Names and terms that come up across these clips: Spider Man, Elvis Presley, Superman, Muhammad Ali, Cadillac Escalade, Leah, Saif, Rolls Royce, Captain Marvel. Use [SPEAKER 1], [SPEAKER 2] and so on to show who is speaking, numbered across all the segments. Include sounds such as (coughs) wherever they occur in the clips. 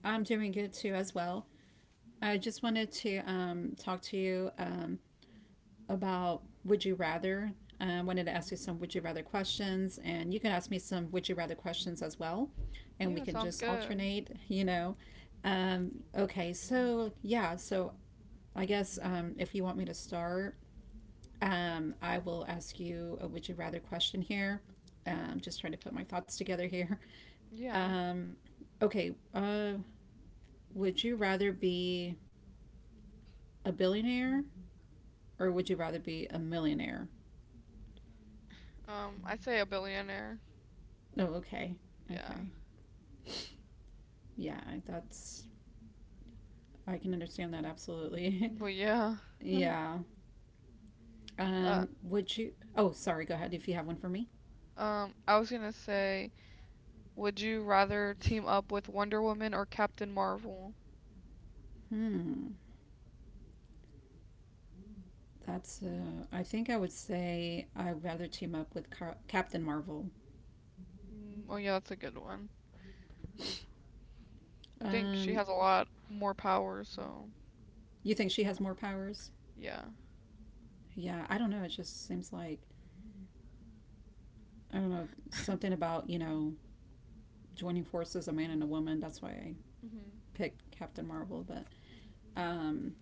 [SPEAKER 1] I'm doing good too, as well. I just wanted to talk to you about Would You Rather. I wanted to ask you some Would You Rather questions, and you can ask me some Would You Rather questions as well, and we can just alternate, you know. Okay, so yeah, so I guess if you want me to start, I will ask you a Would You Rather question here. Just trying to put my thoughts together here. Um, okay, uh, Would you rather be a billionaire or would you rather be a millionaire? Oh, okay. Okay. Yeah, that's. I can understand that absolutely. (laughs) Yeah. Would you— oh, sorry. Go ahead if you have one for me. Hmm. That's I think I would say I'd rather team up with Captain Marvel. Um you think she has more powers? Yeah, I don't know. It just seems like I don't know, something about, you know, joining forces, a man and a woman. That's why I picked Captain Marvel, but um,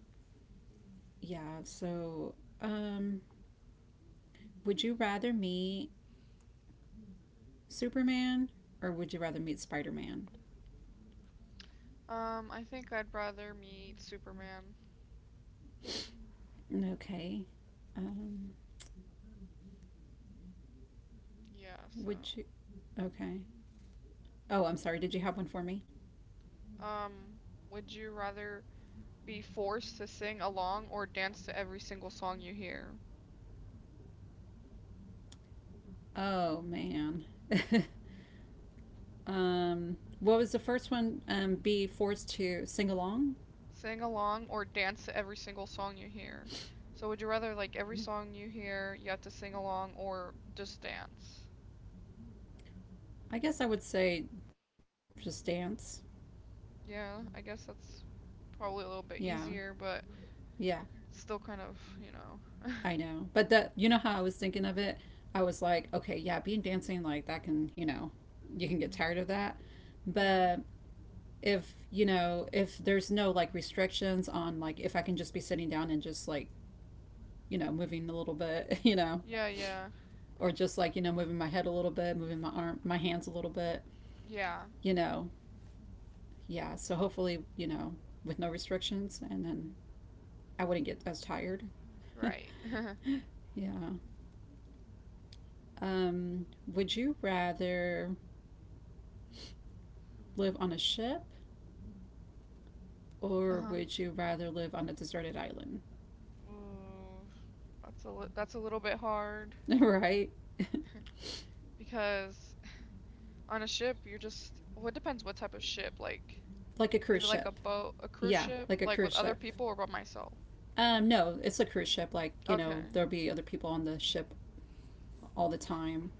[SPEAKER 1] yeah. So, um, would you rather meet Superman or would you rather meet Spider Man? Okay. Um, would you? Okay. Oh, I'm sorry. Did you have one for me? Oh man. (laughs) What was the first one? Be forced to sing along. I guess I would say just dance. Yeah. Yeah. I know. But that, you know how I was thinking of it? I was like, okay, yeah, being dancing like that can, you know, you can get tired of that. But if, you know, if there's no like restrictions on like if I can just be sitting down and just like, you know, moving a little bit, (laughs) you know, or just like, you know, moving my head a little bit, moving my hands a little bit, you know. Yeah, so hopefully, you know, with no restrictions and then I wouldn't get as tired. (laughs) Yeah. Um would you rather live on a ship or would you rather live on a deserted island? (laughs) Right? (laughs) Like a cruise ship. Yeah, like a cruise ship. No, it's a cruise ship. Like, you know, there'll be other people on the ship all the time.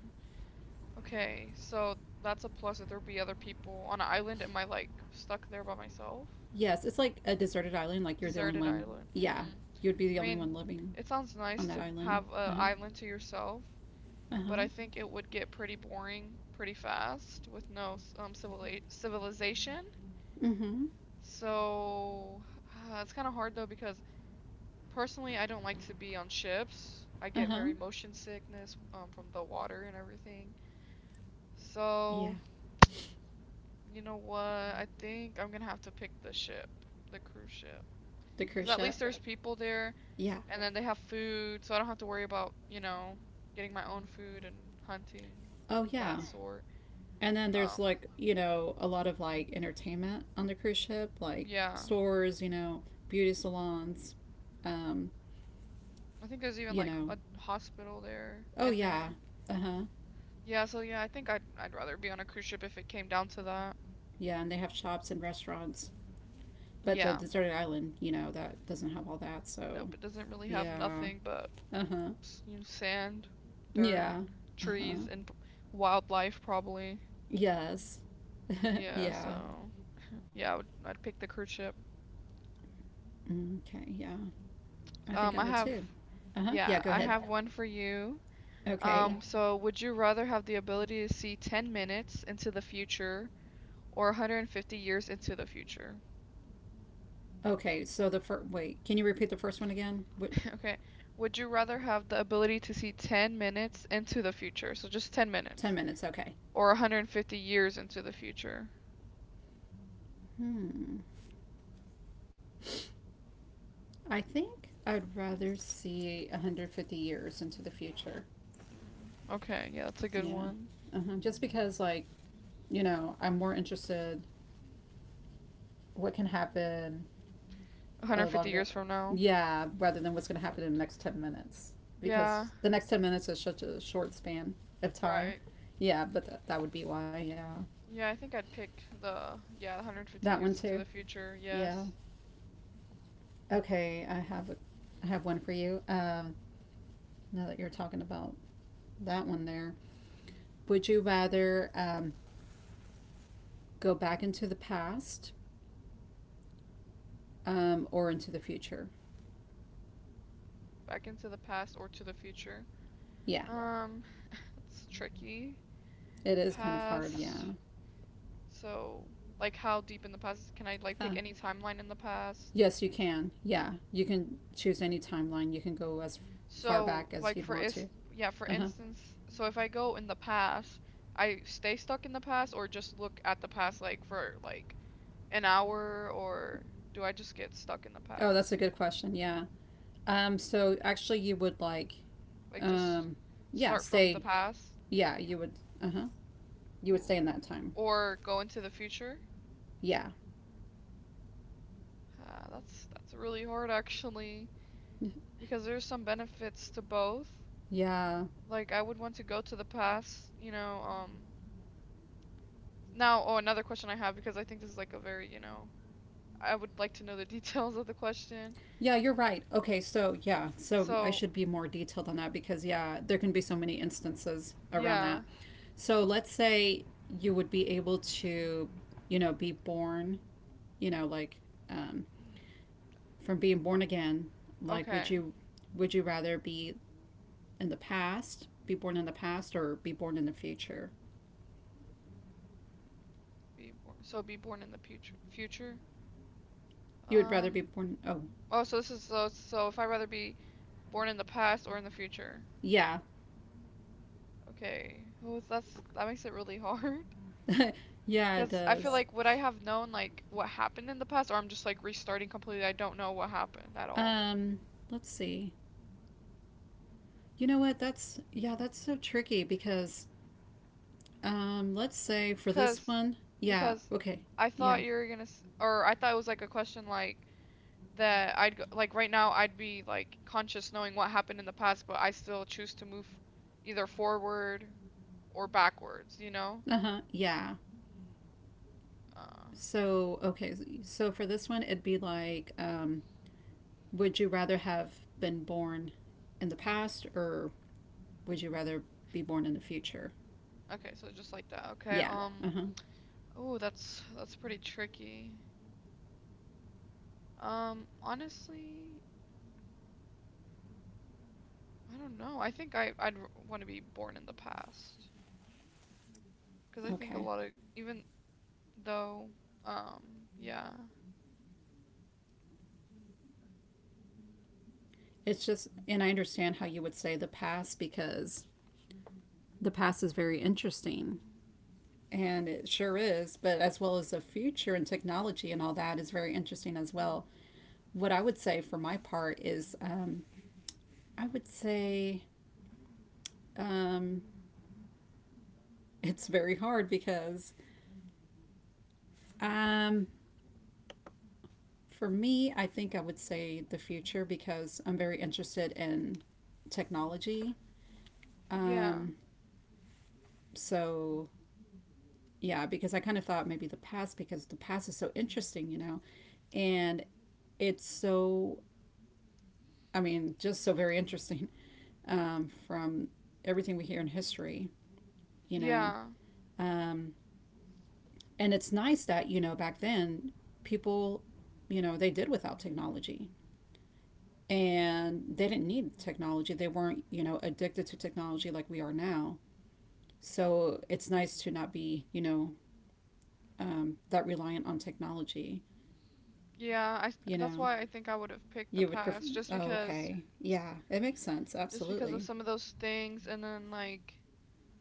[SPEAKER 1] Yes, it's like a deserted island. Like, you're the only one. Yeah, you'd be the only one living on that island. Uh huh. Uh huh. Mm hmm. Uh huh. Yeah. The cruise ship. Yeah. Oh, yeah. And then there's like, you know, a lot of like entertainment on the cruise ship, like stores, you know, beauty salons, um, you know. Oh yeah. Uh-huh. Yeah, and they have shops and restaurants. But the deserted island, you know, that doesn't have all that, so yeah. Uh-huh. Yeah. Uh-huh. Yes. (laughs) Yeah. Okay, yeah. I think I would too. Uh-huh. Yeah, go ahead. Okay. Okay, so the first, wait, can you repeat the first one again? 10 minutes, okay. Hmm. I think I'd rather see 150 years into the future. Yeah. Uh-huh. Just because, like, you know, I'm more interested what can happen a longer, yeah, rather than what's going to happen in the next 10 minutes. Because the next 10 minutes is such a short span of time. Yeah, but that would be why, yeah. That one too. Yeah. Okay, I have one for you. Now that you're talking about that one there, would you rather go back into the past or into the future? Yeah, it is kind of hard. Yeah. Uh, yes, you can. Yeah, you can choose any timeline. You can go as far back as you'd want to. Uh huh. Oh, that's a good question. Yeah. So actually, you would like, um, yeah, stay. Yeah, you would. Uh huh. You would stay in that time. Yeah. Yeah. Yeah, you're right. Okay, so yeah, so I should be more detailed on that because, yeah, there can be so many instances around that. So let's say you would be able to, you know, be born, you know, like um, from being born again. Like, would you rather be in the past, be born in the past, or be born in the future? You would rather be born. Oh, yeah, (laughs) yeah, it does. Um, let's see. You know what? That's yeah, that's so tricky because let's say for this one, yeah, okay, yeah, uh huh, yeah. So okay, so for this one, it'd be like, would you rather have been born in the past or would you rather be born in the future? Yeah, uh huh, okay. It's just, and I understand how you would say the past because the past is very interesting and it sure is, but as well as the future and technology and all that is very interesting as well. What I would say for my part is I would say um, it's very hard because um, for me, I think I would say the future because I'm very interested in technology.
[SPEAKER 2] Yeah,
[SPEAKER 1] Um, so, yeah, because I kind of thought maybe the past because the past is so interesting, you know, and it's so, I mean, just so very interesting from everything we hear in history, you know.
[SPEAKER 2] yeah,
[SPEAKER 1] Um, And it's nice that, you know, back then people, you know, they did without technology and they didn't need technology. They weren't, you know, addicted to technology like we are now. So it's nice to not be, you know, that reliant on technology.
[SPEAKER 2] yeah.
[SPEAKER 1] You
[SPEAKER 2] That's
[SPEAKER 1] know,
[SPEAKER 2] why I think I would have picked the
[SPEAKER 1] you would prefer.
[SPEAKER 2] past,
[SPEAKER 1] Oh, okay. Yeah, it makes sense.
[SPEAKER 2] just because of
[SPEAKER 1] Absolutely.
[SPEAKER 2] some of those things, and then, like,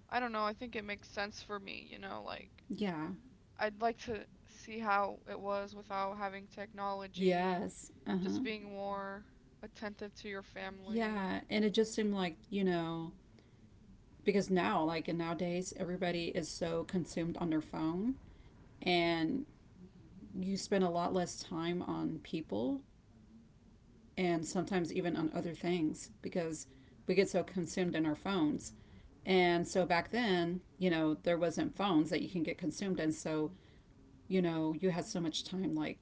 [SPEAKER 2] I don't know, I think it makes sense for me, you know. Like,
[SPEAKER 1] Yeah.
[SPEAKER 2] I'd like to see how it was without having technology,
[SPEAKER 1] Yes. Uh huh.
[SPEAKER 2] just being more attentive to your family.
[SPEAKER 1] Yeah. And it just seemed like, you know, because now, like, and nowadays, everybody is so consumed on their phone and you spend a lot less time on people and sometimes even on other things because we get so consumed in our phones. And so back then, you know, there wasn't phones that you can get consumed in. So, you know, you had so much time like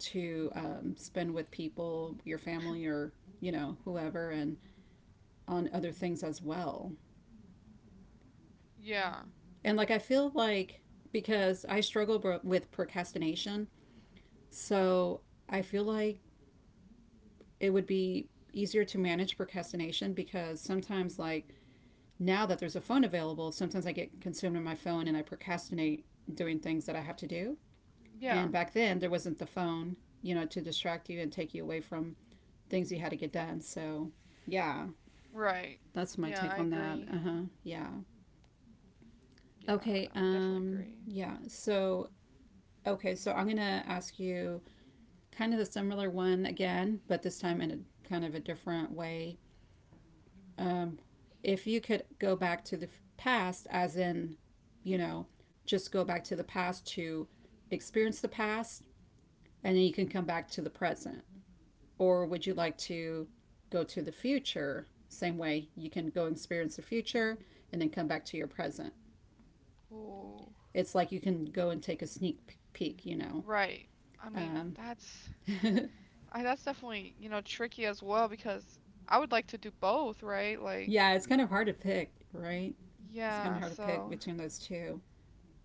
[SPEAKER 1] to spend with people, your family or, you know, whoever, and on other things as well.
[SPEAKER 2] Yeah,
[SPEAKER 1] And like, I feel like because I struggle with procrastination. So I feel like it would be easier to manage procrastination because sometimes like now that there's a phone available, sometimes I get consumed in my phone and I procrastinate doing things that I have to do,
[SPEAKER 2] yeah,
[SPEAKER 1] and back then there wasn't the phone, you know, to distract you and take you away from things you had to get done, so yeah,
[SPEAKER 2] right.
[SPEAKER 1] that's my
[SPEAKER 2] Yeah,
[SPEAKER 1] take
[SPEAKER 2] I
[SPEAKER 1] on that.
[SPEAKER 2] agree.
[SPEAKER 1] Uh-huh. Yeah.
[SPEAKER 2] Yeah,
[SPEAKER 1] Okay.
[SPEAKER 2] I would definitely agree.
[SPEAKER 1] Yeah, so okay, so I'm gonna ask you kind of the similar one again, but this time in a kind of a different way. um, if you could go back to the past, as in, you know, just go back to the past to experience the past and then you can come back to the present? Or would you like to go to the future? Same way you can go experience the future and then come back to your present.
[SPEAKER 2] Ooh,
[SPEAKER 1] It's like you can go and take a sneak peek, you know.
[SPEAKER 2] right. I mean,
[SPEAKER 1] Um,
[SPEAKER 2] that's.
[SPEAKER 1] (laughs)
[SPEAKER 2] I that's definitely, you know, tricky as well because I would like to do both, right? Like,
[SPEAKER 1] yeah, it's kind of hard to pick, right? It's kind of
[SPEAKER 2] yeah,
[SPEAKER 1] hard to pick
[SPEAKER 2] so
[SPEAKER 1] between those two.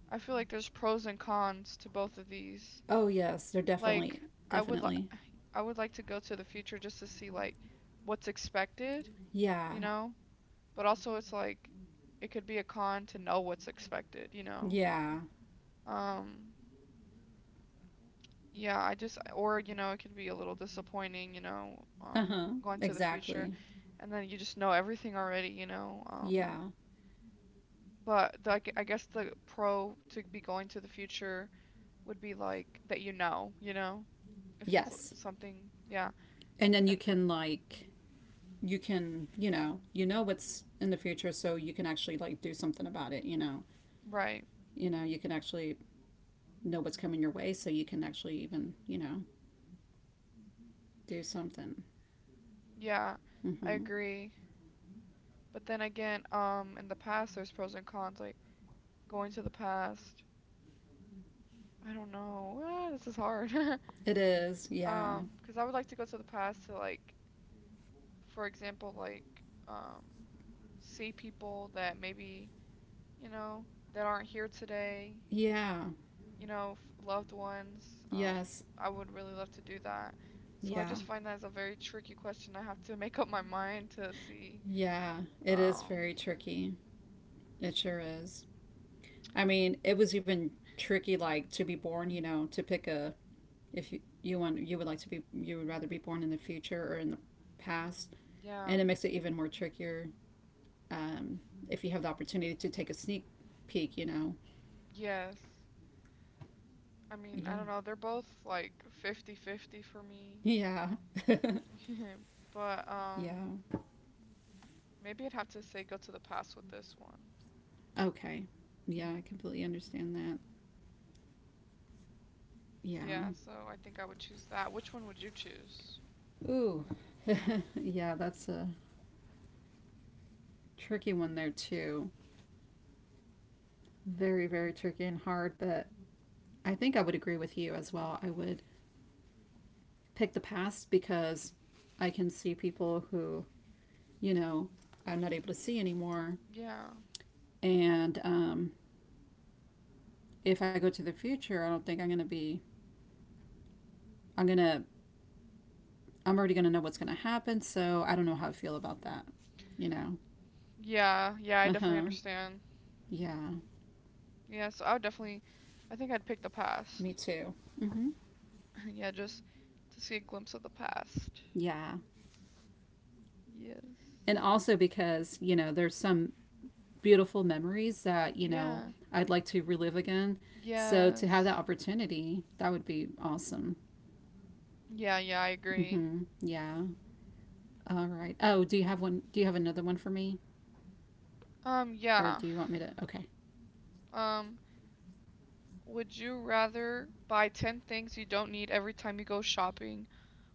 [SPEAKER 2] I feel like there's pros and cons to both of these.
[SPEAKER 1] Oh, yes, they're
[SPEAKER 2] Like,
[SPEAKER 1] definitely,
[SPEAKER 2] I would li
[SPEAKER 1] definitely.
[SPEAKER 2] I would like to go to the future just to see like what's expected,
[SPEAKER 1] Yeah.
[SPEAKER 2] you know? But also it's like it could be a con to know what's expected, you know?
[SPEAKER 1] Yeah.
[SPEAKER 2] Um, yeah, I just or it could be a little disappointing, you know,
[SPEAKER 1] Uh huh.
[SPEAKER 2] going to the future
[SPEAKER 1] Exactly.
[SPEAKER 2] and then you just know everything already, you know?
[SPEAKER 1] Yeah.
[SPEAKER 2] But the, I guess the pro to be going to the future would be like that you know, if
[SPEAKER 1] Yes.
[SPEAKER 2] something, yeah.
[SPEAKER 1] And then you
[SPEAKER 2] And
[SPEAKER 1] can like, you can, you know, you know what's in the future, so you can actually like do something about it. You know.
[SPEAKER 2] right.
[SPEAKER 1] You know you can actually know what's coming your way, so you can actually even, you know, do something.
[SPEAKER 2] Yeah. I
[SPEAKER 1] Mm-hmm.
[SPEAKER 2] agree. But then again, in the past there's pros and cons like going to the past. I don't know. Ah, this is hard. (laughs)
[SPEAKER 1] It is. Yeah.
[SPEAKER 2] 'Cause I would like to go to the past to like, for example, like, um see people that maybe, you know, that aren't here today,
[SPEAKER 1] Yeah.
[SPEAKER 2] you know, loved ones. Um,
[SPEAKER 1] Yes.
[SPEAKER 2] I would really love to do that. So I
[SPEAKER 1] Yeah.
[SPEAKER 2] just find that as a very tricky question. I have to make up my mind to see.
[SPEAKER 1] Yeah. It is
[SPEAKER 2] Um,
[SPEAKER 1] very tricky. It sure is. I mean, it was even tricky like to be born, you know, to pick a, if you, you want, you would like to be, you would rather be born in the future or in the past,
[SPEAKER 2] yeah.
[SPEAKER 1] and it makes it even more trickier um, if you have the opportunity to take a sneak peek, you know.
[SPEAKER 2] Yes. I mean, I
[SPEAKER 1] Yeah.
[SPEAKER 2] don't know. They're both like 50-50 for me.
[SPEAKER 1] Yeah.
[SPEAKER 2] (laughs) But
[SPEAKER 1] (laughs) Yeah,
[SPEAKER 2] maybe I'd have to say go to the past with this one.
[SPEAKER 1] okay, yeah, I completely understand that. Yeah.
[SPEAKER 2] Yeah, so I think I would choose that. Which one would you choose?
[SPEAKER 1] Ooh. (laughs) Yeah, that's a tricky one there too. Very, very tricky and hard, but I think I would agree with you as well. I would pick the past because I can see people who, you know, I'm not able to see anymore.
[SPEAKER 2] Yeah.
[SPEAKER 1] And if I go to the future, I don't think I'm going to, I'm already going to know what's going to happen. So I don't know how I feel about that, you know?
[SPEAKER 2] Yeah, yeah, I
[SPEAKER 1] Uh
[SPEAKER 2] definitely
[SPEAKER 1] huh.
[SPEAKER 2] understand.
[SPEAKER 1] Yeah.
[SPEAKER 2] Yeah, so I would definitely I think I'd pick the
[SPEAKER 1] Me
[SPEAKER 2] past.
[SPEAKER 1] too. Mm-hmm.
[SPEAKER 2] (laughs) Yeah, just to see a glimpse of the past.
[SPEAKER 1] Yeah.
[SPEAKER 2] Yes.
[SPEAKER 1] And also because, you know, there's some beautiful memories that, you know,
[SPEAKER 2] Yeah.
[SPEAKER 1] I'd like to relive again. So to have that
[SPEAKER 2] Yes.
[SPEAKER 1] opportunity, that would be awesome.
[SPEAKER 2] Yeah, I agree.
[SPEAKER 1] Mm-hmm. Yeah. All right. Oh, do you have one? Do you have another one for me? Or
[SPEAKER 2] Yeah.
[SPEAKER 1] do you want me to? Okay.
[SPEAKER 2] Um, would you rather buy 10 things you don't need every time you go shopping,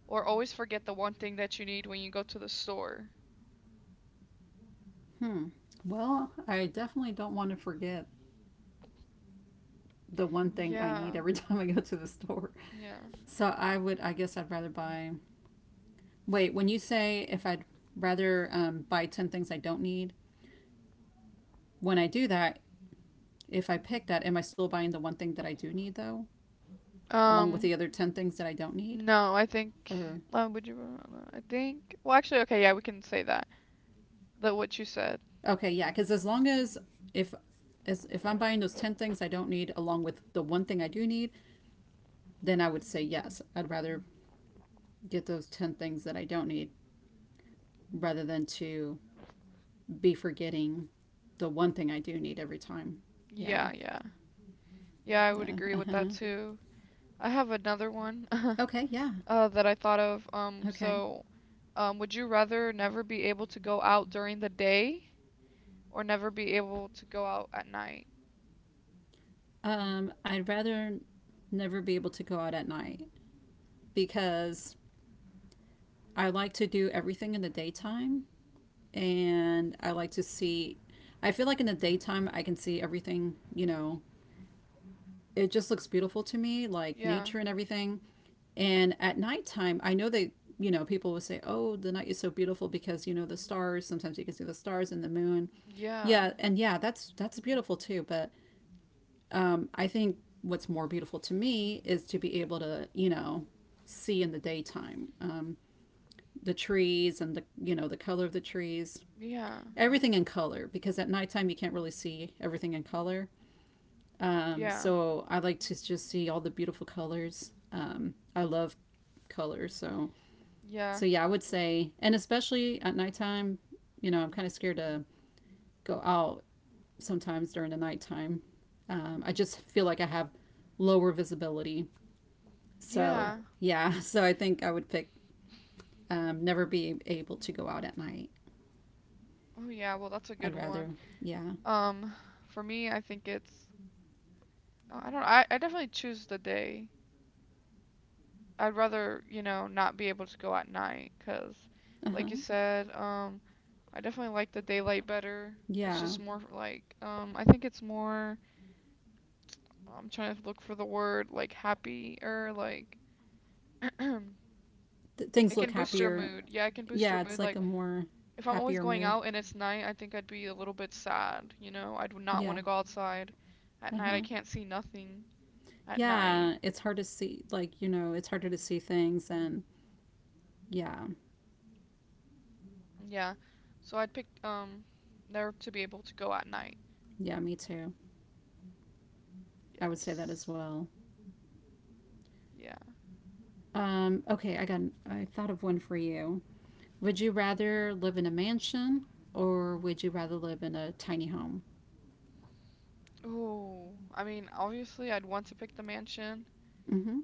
[SPEAKER 2] or always forget the one thing that you need when you go to the store?
[SPEAKER 1] Hmm. Well, I definitely don't want to forget the one thing I
[SPEAKER 2] Yeah.
[SPEAKER 1] need every (laughs) time I go to the store.
[SPEAKER 2] Yeah.
[SPEAKER 1] So I would, I guess I'd rather buy. Wait, when you say if I'd rather buy 10 things I don't need, when I do that, if I pick that, am I still buying the one thing that I do need though, along with
[SPEAKER 2] Um,
[SPEAKER 1] the other 10 things that I don't need?
[SPEAKER 2] no, I think
[SPEAKER 1] Or,
[SPEAKER 2] would you rather- I think well actually okay, yeah, we can say that. That what you said.
[SPEAKER 1] okay, yeah, because as long if, as if I'm buying those 10 things I don't need along with the one thing I do need, then I would say yes. I'd rather get those 10 things that I don't need rather than to be forgetting the one thing I do need every time. Yeah.
[SPEAKER 2] Yeah, yeah. Yeah, I would
[SPEAKER 1] The
[SPEAKER 2] agree
[SPEAKER 1] uh
[SPEAKER 2] with that
[SPEAKER 1] huh.
[SPEAKER 2] too. I have another one (laughs)
[SPEAKER 1] Okay. Yeah.
[SPEAKER 2] that I thought of. Um,
[SPEAKER 1] Okay.
[SPEAKER 2] so, um, would you rather never be able to go out during the day, or never be able to go out at night?
[SPEAKER 1] I'd rather never be able to go out at night because I like to do everything in the daytime and I like to see. I feel like in the daytime I can see everything, you know, it just looks beautiful to me, like
[SPEAKER 2] Yeah,
[SPEAKER 1] nature and everything. And at nighttime, I know they, you know, people will say, "Oh, the night is so beautiful because you know the stars. Sometimes you can see the stars and the moon."
[SPEAKER 2] yeah,
[SPEAKER 1] Yeah, and yeah, that's beautiful too. But I think what's more beautiful to me is to be able to, you know, see in the daytime the trees and the you know the color of the trees,
[SPEAKER 2] yeah,
[SPEAKER 1] everything in color. Because at nighttime you can't really see everything in color.
[SPEAKER 2] yeah,
[SPEAKER 1] So I like to just see all the beautiful colors. I love colors, so
[SPEAKER 2] yeah,
[SPEAKER 1] so yeah, I would say, and especially at nighttime, you know, I'm kind of scared to go out sometimes during the nighttime. I just feel like I have lower visibility. So
[SPEAKER 2] yeah.
[SPEAKER 1] yeah, (laughs) so I think I would pick never be able to go out at night.
[SPEAKER 2] Oh yeah, well that's a
[SPEAKER 1] I'd
[SPEAKER 2] good one.
[SPEAKER 1] rather, yeah,
[SPEAKER 2] Um, for me, I think it's I don't I definitely choose the day. I'd rather, you know, not be able to go at night 'cause
[SPEAKER 1] uh huh,
[SPEAKER 2] like you said, I definitely like the daylight better. It's
[SPEAKER 1] yeah.
[SPEAKER 2] just more like I think it's more I'm trying to look for the word like happy or like
[SPEAKER 1] Things
[SPEAKER 2] it
[SPEAKER 1] look
[SPEAKER 2] can boost your
[SPEAKER 1] happier.
[SPEAKER 2] mood. Yeah, it can boost your
[SPEAKER 1] Yeah, it's
[SPEAKER 2] mood
[SPEAKER 1] like
[SPEAKER 2] like
[SPEAKER 1] a more
[SPEAKER 2] if I'm always
[SPEAKER 1] happier
[SPEAKER 2] going
[SPEAKER 1] mood.
[SPEAKER 2] out and it's night, I think I'd be a little bit sad, you know? I do not want
[SPEAKER 1] Yeah,
[SPEAKER 2] to go outside at
[SPEAKER 1] uh
[SPEAKER 2] night. I
[SPEAKER 1] huh.
[SPEAKER 2] can't see nothing at night.
[SPEAKER 1] Yeah, it's hard to see, like, you know, it's harder to see things. And yeah,
[SPEAKER 2] Yeah. So I'd pick never to be able to go at night.
[SPEAKER 1] yeah, me too. I would say that as
[SPEAKER 2] Yes.
[SPEAKER 1] well.
[SPEAKER 2] Yeah.
[SPEAKER 1] Okay, I thought of one for you. Would you rather live in a mansion or would you rather live in a tiny home?
[SPEAKER 2] Oh, I mean, obviously, I'd want to pick the mansion,
[SPEAKER 1] Hmm.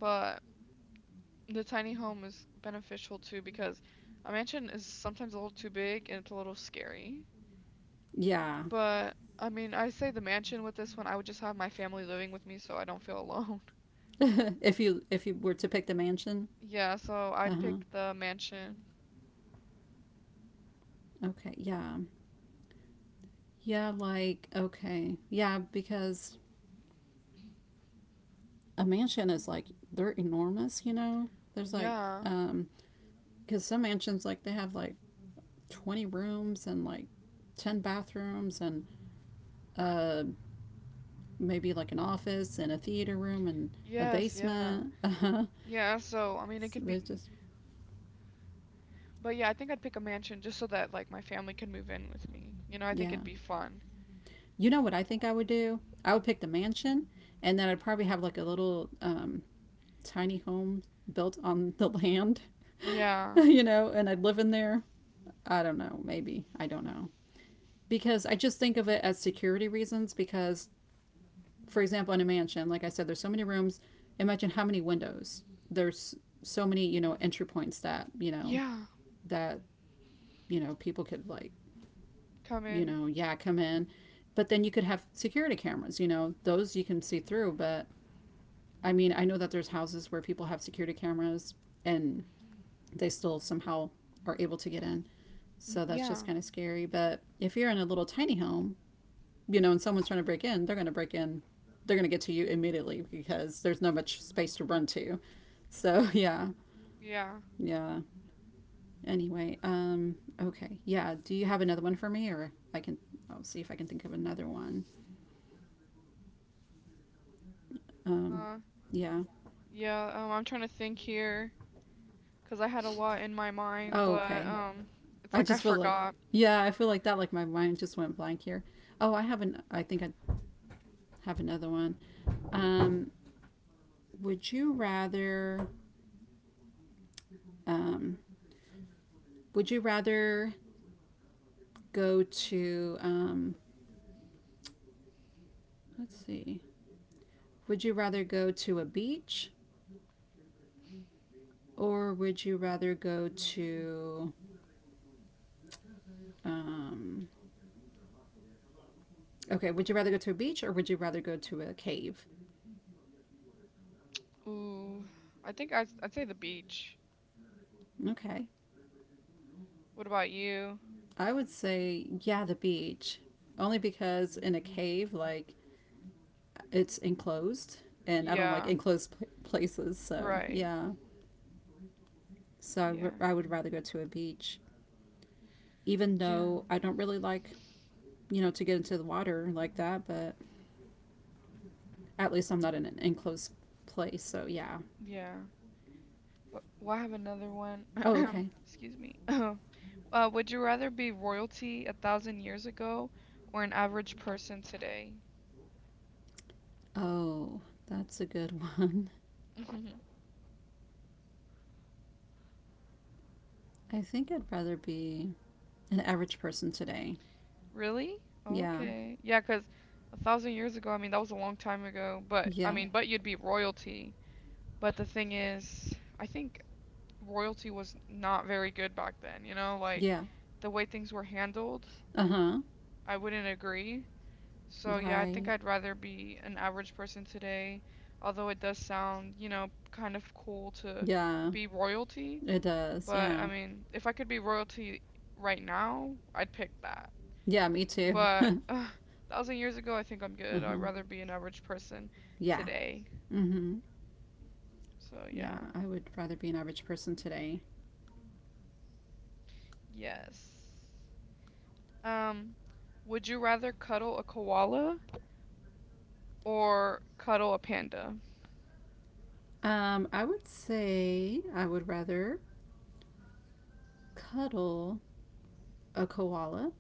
[SPEAKER 2] but the tiny home is beneficial too because a mansion is sometimes a little too big and it's a little scary.
[SPEAKER 1] Yeah.
[SPEAKER 2] But I mean, I say the mansion with this one, I would just have my family living with me so I don't feel alone. (laughs)
[SPEAKER 1] (laughs) If you were to pick the mansion.
[SPEAKER 2] Yeah, so
[SPEAKER 1] Uh
[SPEAKER 2] I'd
[SPEAKER 1] huh.
[SPEAKER 2] pick the mansion.
[SPEAKER 1] Okay. Yeah. Yeah. Like, okay. Yeah. Because a mansion is like, they're enormous, you know? There's like,
[SPEAKER 2] Yeah,
[SPEAKER 1] um, because some mansions, like, they have like 20 rooms and like 10 bathrooms and uh, maybe like an office and a theater room and a
[SPEAKER 2] yes, yeah. Okay.
[SPEAKER 1] basement. (laughs) Uh-huh.
[SPEAKER 2] Yeah, so I mean, it
[SPEAKER 1] So
[SPEAKER 2] could be,
[SPEAKER 1] there's just,
[SPEAKER 2] but yeah, I think I'd pick a mansion just so that like my family could move in with me. You know, I think it'd
[SPEAKER 1] yeah.
[SPEAKER 2] be Okay. fun.
[SPEAKER 1] You know what I think I would do? I would pick the mansion and then I'd probably have like a little tiny home built on the land,
[SPEAKER 2] Yeah,
[SPEAKER 1] (laughs) you know, and I'd live in there. I don't know, maybe. I don't know. Because I just think of it as security reasons because for example, in a mansion, like I said, there's so many rooms. Imagine how many windows. There's so many, you know, entry points that, you know,
[SPEAKER 2] yeah,
[SPEAKER 1] that, you know, people could like,
[SPEAKER 2] come
[SPEAKER 1] you
[SPEAKER 2] in.
[SPEAKER 1] know, yeah, come in. But then you could have security cameras, you know, those you can see through. But I mean, I know that there's houses where people have security cameras and they still somehow are able to get in.
[SPEAKER 2] Mhm,
[SPEAKER 1] So that's just
[SPEAKER 2] Yeah,
[SPEAKER 1] kind of scary. But if you're in a little tiny home, you know, and someone's trying to break in, they're going to break in. They're going to get to you immediately because there's not much space to run to. So, (laughs) yeah.
[SPEAKER 2] yeah.
[SPEAKER 1] Yeah. Anyway, okay. Yeah, do you have another one for me or I can I'll see if I can think of another one. Um
[SPEAKER 2] Uh,
[SPEAKER 1] yeah.
[SPEAKER 2] yeah, I'm trying to think here because I had a lot in my mind,
[SPEAKER 1] Oh,
[SPEAKER 2] but
[SPEAKER 1] okay.
[SPEAKER 2] it's
[SPEAKER 1] I
[SPEAKER 2] like I
[SPEAKER 1] just feel like
[SPEAKER 2] forgot.
[SPEAKER 1] yeah, I feel like that like my mind just went blank here. Oh, I think I have another one. Um would you rather um would you rather go to let's see. Would you rather go to a beach or would you rather go to um okay, would you rather go to a beach or would you rather go to a cave?
[SPEAKER 2] Ooh, I think I'd say the beach.
[SPEAKER 1] Okay.
[SPEAKER 2] What about you?
[SPEAKER 1] I would say yeah, the beach. Only because in a cave like it's enclosed and I don't like
[SPEAKER 2] Yeah,
[SPEAKER 1] enclosed places, so
[SPEAKER 2] right.
[SPEAKER 1] yeah. So I
[SPEAKER 2] Yeah,
[SPEAKER 1] I would rather go to a beach even
[SPEAKER 2] yeah,
[SPEAKER 1] though I don't really like, you know, to get into the water like that, but at least I'm not in an enclosed place. So yeah,
[SPEAKER 2] yeah. Well, I have another one. (coughs)
[SPEAKER 1] oh, okay.
[SPEAKER 2] (clears throat) Excuse me. (clears throat) Would you rather be royalty a thousand years ago, or an average person today?
[SPEAKER 1] Oh, that's a good one.
[SPEAKER 2] (laughs)
[SPEAKER 1] (laughs) I think I'd rather be an average person today.
[SPEAKER 2] Really?
[SPEAKER 1] Yeah.
[SPEAKER 2] Okay. Yeah, 'cause a thousand years ago, I mean, that was a long time ago, but I
[SPEAKER 1] Yeah.
[SPEAKER 2] mean, Yeah. but you'd be royalty. But the thing is, I think royalty was not very good back then, you know, like
[SPEAKER 1] Yeah.
[SPEAKER 2] the way things were handled,
[SPEAKER 1] Uh huh.
[SPEAKER 2] I wouldn't agree. So yeah, I think
[SPEAKER 1] Right.
[SPEAKER 2] I'd rather be an average person today, although it does sound, you know, kind of cool to
[SPEAKER 1] Yeah.
[SPEAKER 2] be royalty,
[SPEAKER 1] It does.
[SPEAKER 2] but
[SPEAKER 1] Yeah.
[SPEAKER 2] I mean, if I could be royalty right now, I'd pick that.
[SPEAKER 1] Yeah, me too. (laughs) uh
[SPEAKER 2] But (sighs) a thousand years ago, I think I'm good. I'd
[SPEAKER 1] huh.
[SPEAKER 2] rather be an average person
[SPEAKER 1] Yeah.
[SPEAKER 2] today.
[SPEAKER 1] Mm hmm.
[SPEAKER 2] So yeah.
[SPEAKER 1] Yeah, I would rather be an average person today.
[SPEAKER 2] Yes. Um, would you rather cuddle a koala or cuddle a panda?
[SPEAKER 1] I would say I would rather cuddle a koala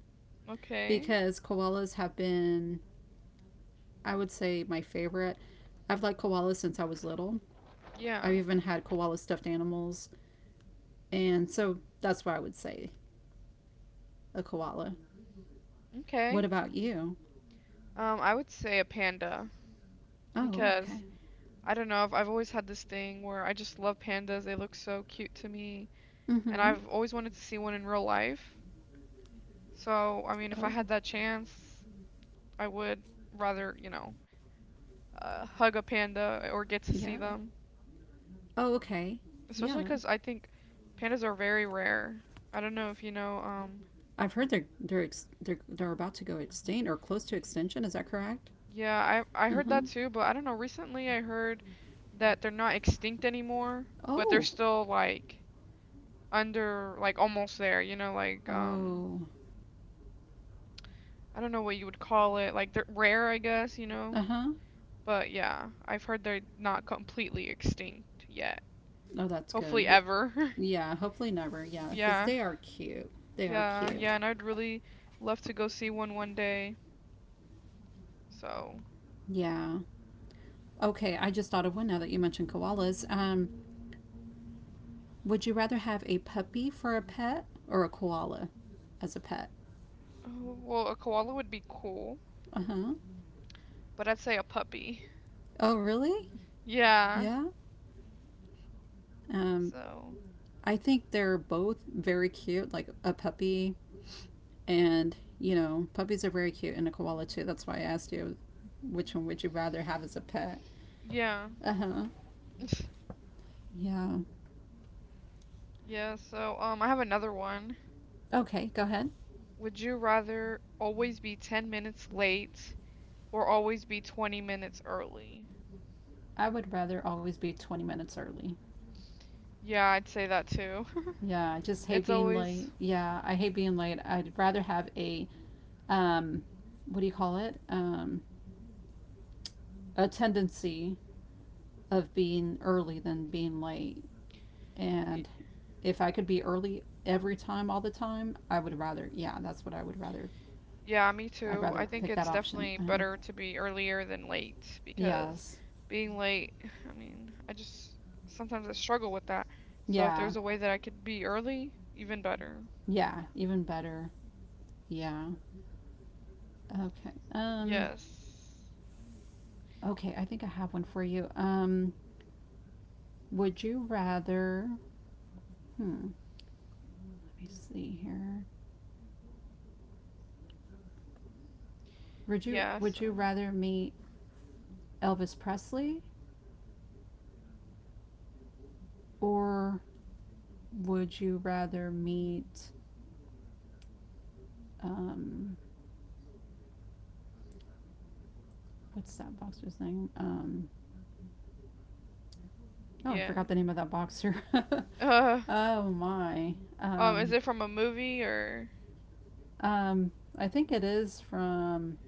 [SPEAKER 2] Okay.
[SPEAKER 1] because koalas have been, I would say, my favorite. I've liked koalas since I was little.
[SPEAKER 2] Yeah.
[SPEAKER 1] I've even had koala stuffed animals. And so that's why I would say a koala. What
[SPEAKER 2] Okay.
[SPEAKER 1] about you?
[SPEAKER 2] I would say a panda
[SPEAKER 1] Oh, okay.
[SPEAKER 2] because I don't know if I've always had this thing where I just love pandas. They look so cute to me,
[SPEAKER 1] Mm
[SPEAKER 2] and
[SPEAKER 1] hmm.
[SPEAKER 2] I've always wanted to see one in real life. So, I mean, if I
[SPEAKER 1] Oh,
[SPEAKER 2] had that chance, I would rather, you know, hug a panda or get to
[SPEAKER 1] yeah.
[SPEAKER 2] see them.
[SPEAKER 1] Oh, okay. Yeah.
[SPEAKER 2] Especially because I think pandas are very rare. I don't know if you know.
[SPEAKER 1] I've heard they're, they're about to go extinct or close to extinction. Is that correct?
[SPEAKER 2] Yeah, I
[SPEAKER 1] Uh
[SPEAKER 2] heard
[SPEAKER 1] huh.
[SPEAKER 2] that too, but I don't know. Recently, I heard that they're not extinct anymore, but they're
[SPEAKER 1] Oh.
[SPEAKER 2] still like under like almost there. You know, like
[SPEAKER 1] Oh.
[SPEAKER 2] I don't know what you would call it. Like they're rare, I guess. You know,
[SPEAKER 1] Uh huh.
[SPEAKER 2] but yeah, I've heard they're not completely extinct yet.
[SPEAKER 1] Oh, that's good.
[SPEAKER 2] Hopefully,
[SPEAKER 1] But
[SPEAKER 2] ever. (laughs)
[SPEAKER 1] yeah, hopefully never. Yeah, because
[SPEAKER 2] Yeah,
[SPEAKER 1] they are cute. They are
[SPEAKER 2] yeah,
[SPEAKER 1] cute.
[SPEAKER 2] yeah. And I'd really love to go see one one day. So,
[SPEAKER 1] Yeah. Okay, I just thought of one now that you mentioned koalas. Would you rather have a puppy for a pet or a koala as a pet?
[SPEAKER 2] oh, well, a koala would be cool,
[SPEAKER 1] Uh huh.
[SPEAKER 2] but I'd say a puppy.
[SPEAKER 1] Oh, really?
[SPEAKER 2] Yeah.
[SPEAKER 1] Yeah. Um,
[SPEAKER 2] So,
[SPEAKER 1] I think they're both very cute, like a puppy, and you know, puppies are very cute, and a koala too. That's why I asked you which one would you rather have as a pet?
[SPEAKER 2] yeah.
[SPEAKER 1] Uh huh. Yeah.
[SPEAKER 2] Yeah, so I have another one.
[SPEAKER 1] Okay, go ahead.
[SPEAKER 2] Would you rather always be 10 minutes late, or always be 20 minutes early?
[SPEAKER 1] I would rather always be 20 minutes early.
[SPEAKER 2] Yeah, I'd say that too. (laughs)
[SPEAKER 1] Yeah, I just hate
[SPEAKER 2] It's
[SPEAKER 1] being late.
[SPEAKER 2] always
[SPEAKER 1] Yeah, I hate being late. I'd rather have a, um, what do you call it? A tendency of being early than being late.
[SPEAKER 2] y-
[SPEAKER 1] And if I could be early every time, all the time, I would rather, yeah, that's what I would rather.
[SPEAKER 2] Yeah, me
[SPEAKER 1] I'd
[SPEAKER 2] too. I
[SPEAKER 1] rather
[SPEAKER 2] think
[SPEAKER 1] pick that
[SPEAKER 2] it's
[SPEAKER 1] option.
[SPEAKER 2] definitely
[SPEAKER 1] Uh-huh.
[SPEAKER 2] better to be earlier than late because
[SPEAKER 1] Yes.
[SPEAKER 2] being late, (sighs) I mean, I just sometimes I struggle with that. So if
[SPEAKER 1] Yeah.
[SPEAKER 2] there's a way that I could be early, even better.
[SPEAKER 1] Yeah. Even better. Yeah. Okay.
[SPEAKER 2] Yes.
[SPEAKER 1] Okay. I think I have one for you. Would you rather, hmm, let me see here.
[SPEAKER 2] Yeah,
[SPEAKER 1] Would
[SPEAKER 2] so
[SPEAKER 1] you rather meet Elvis Presley or would you rather meet um, what's that boxer's name? Oh, I
[SPEAKER 2] yeah.
[SPEAKER 1] forgot
[SPEAKER 2] (laughs)
[SPEAKER 1] the name of that boxer. (laughs)
[SPEAKER 2] Uh,
[SPEAKER 1] oh my.
[SPEAKER 2] is it from a movie or?
[SPEAKER 1] Um, I think it is from.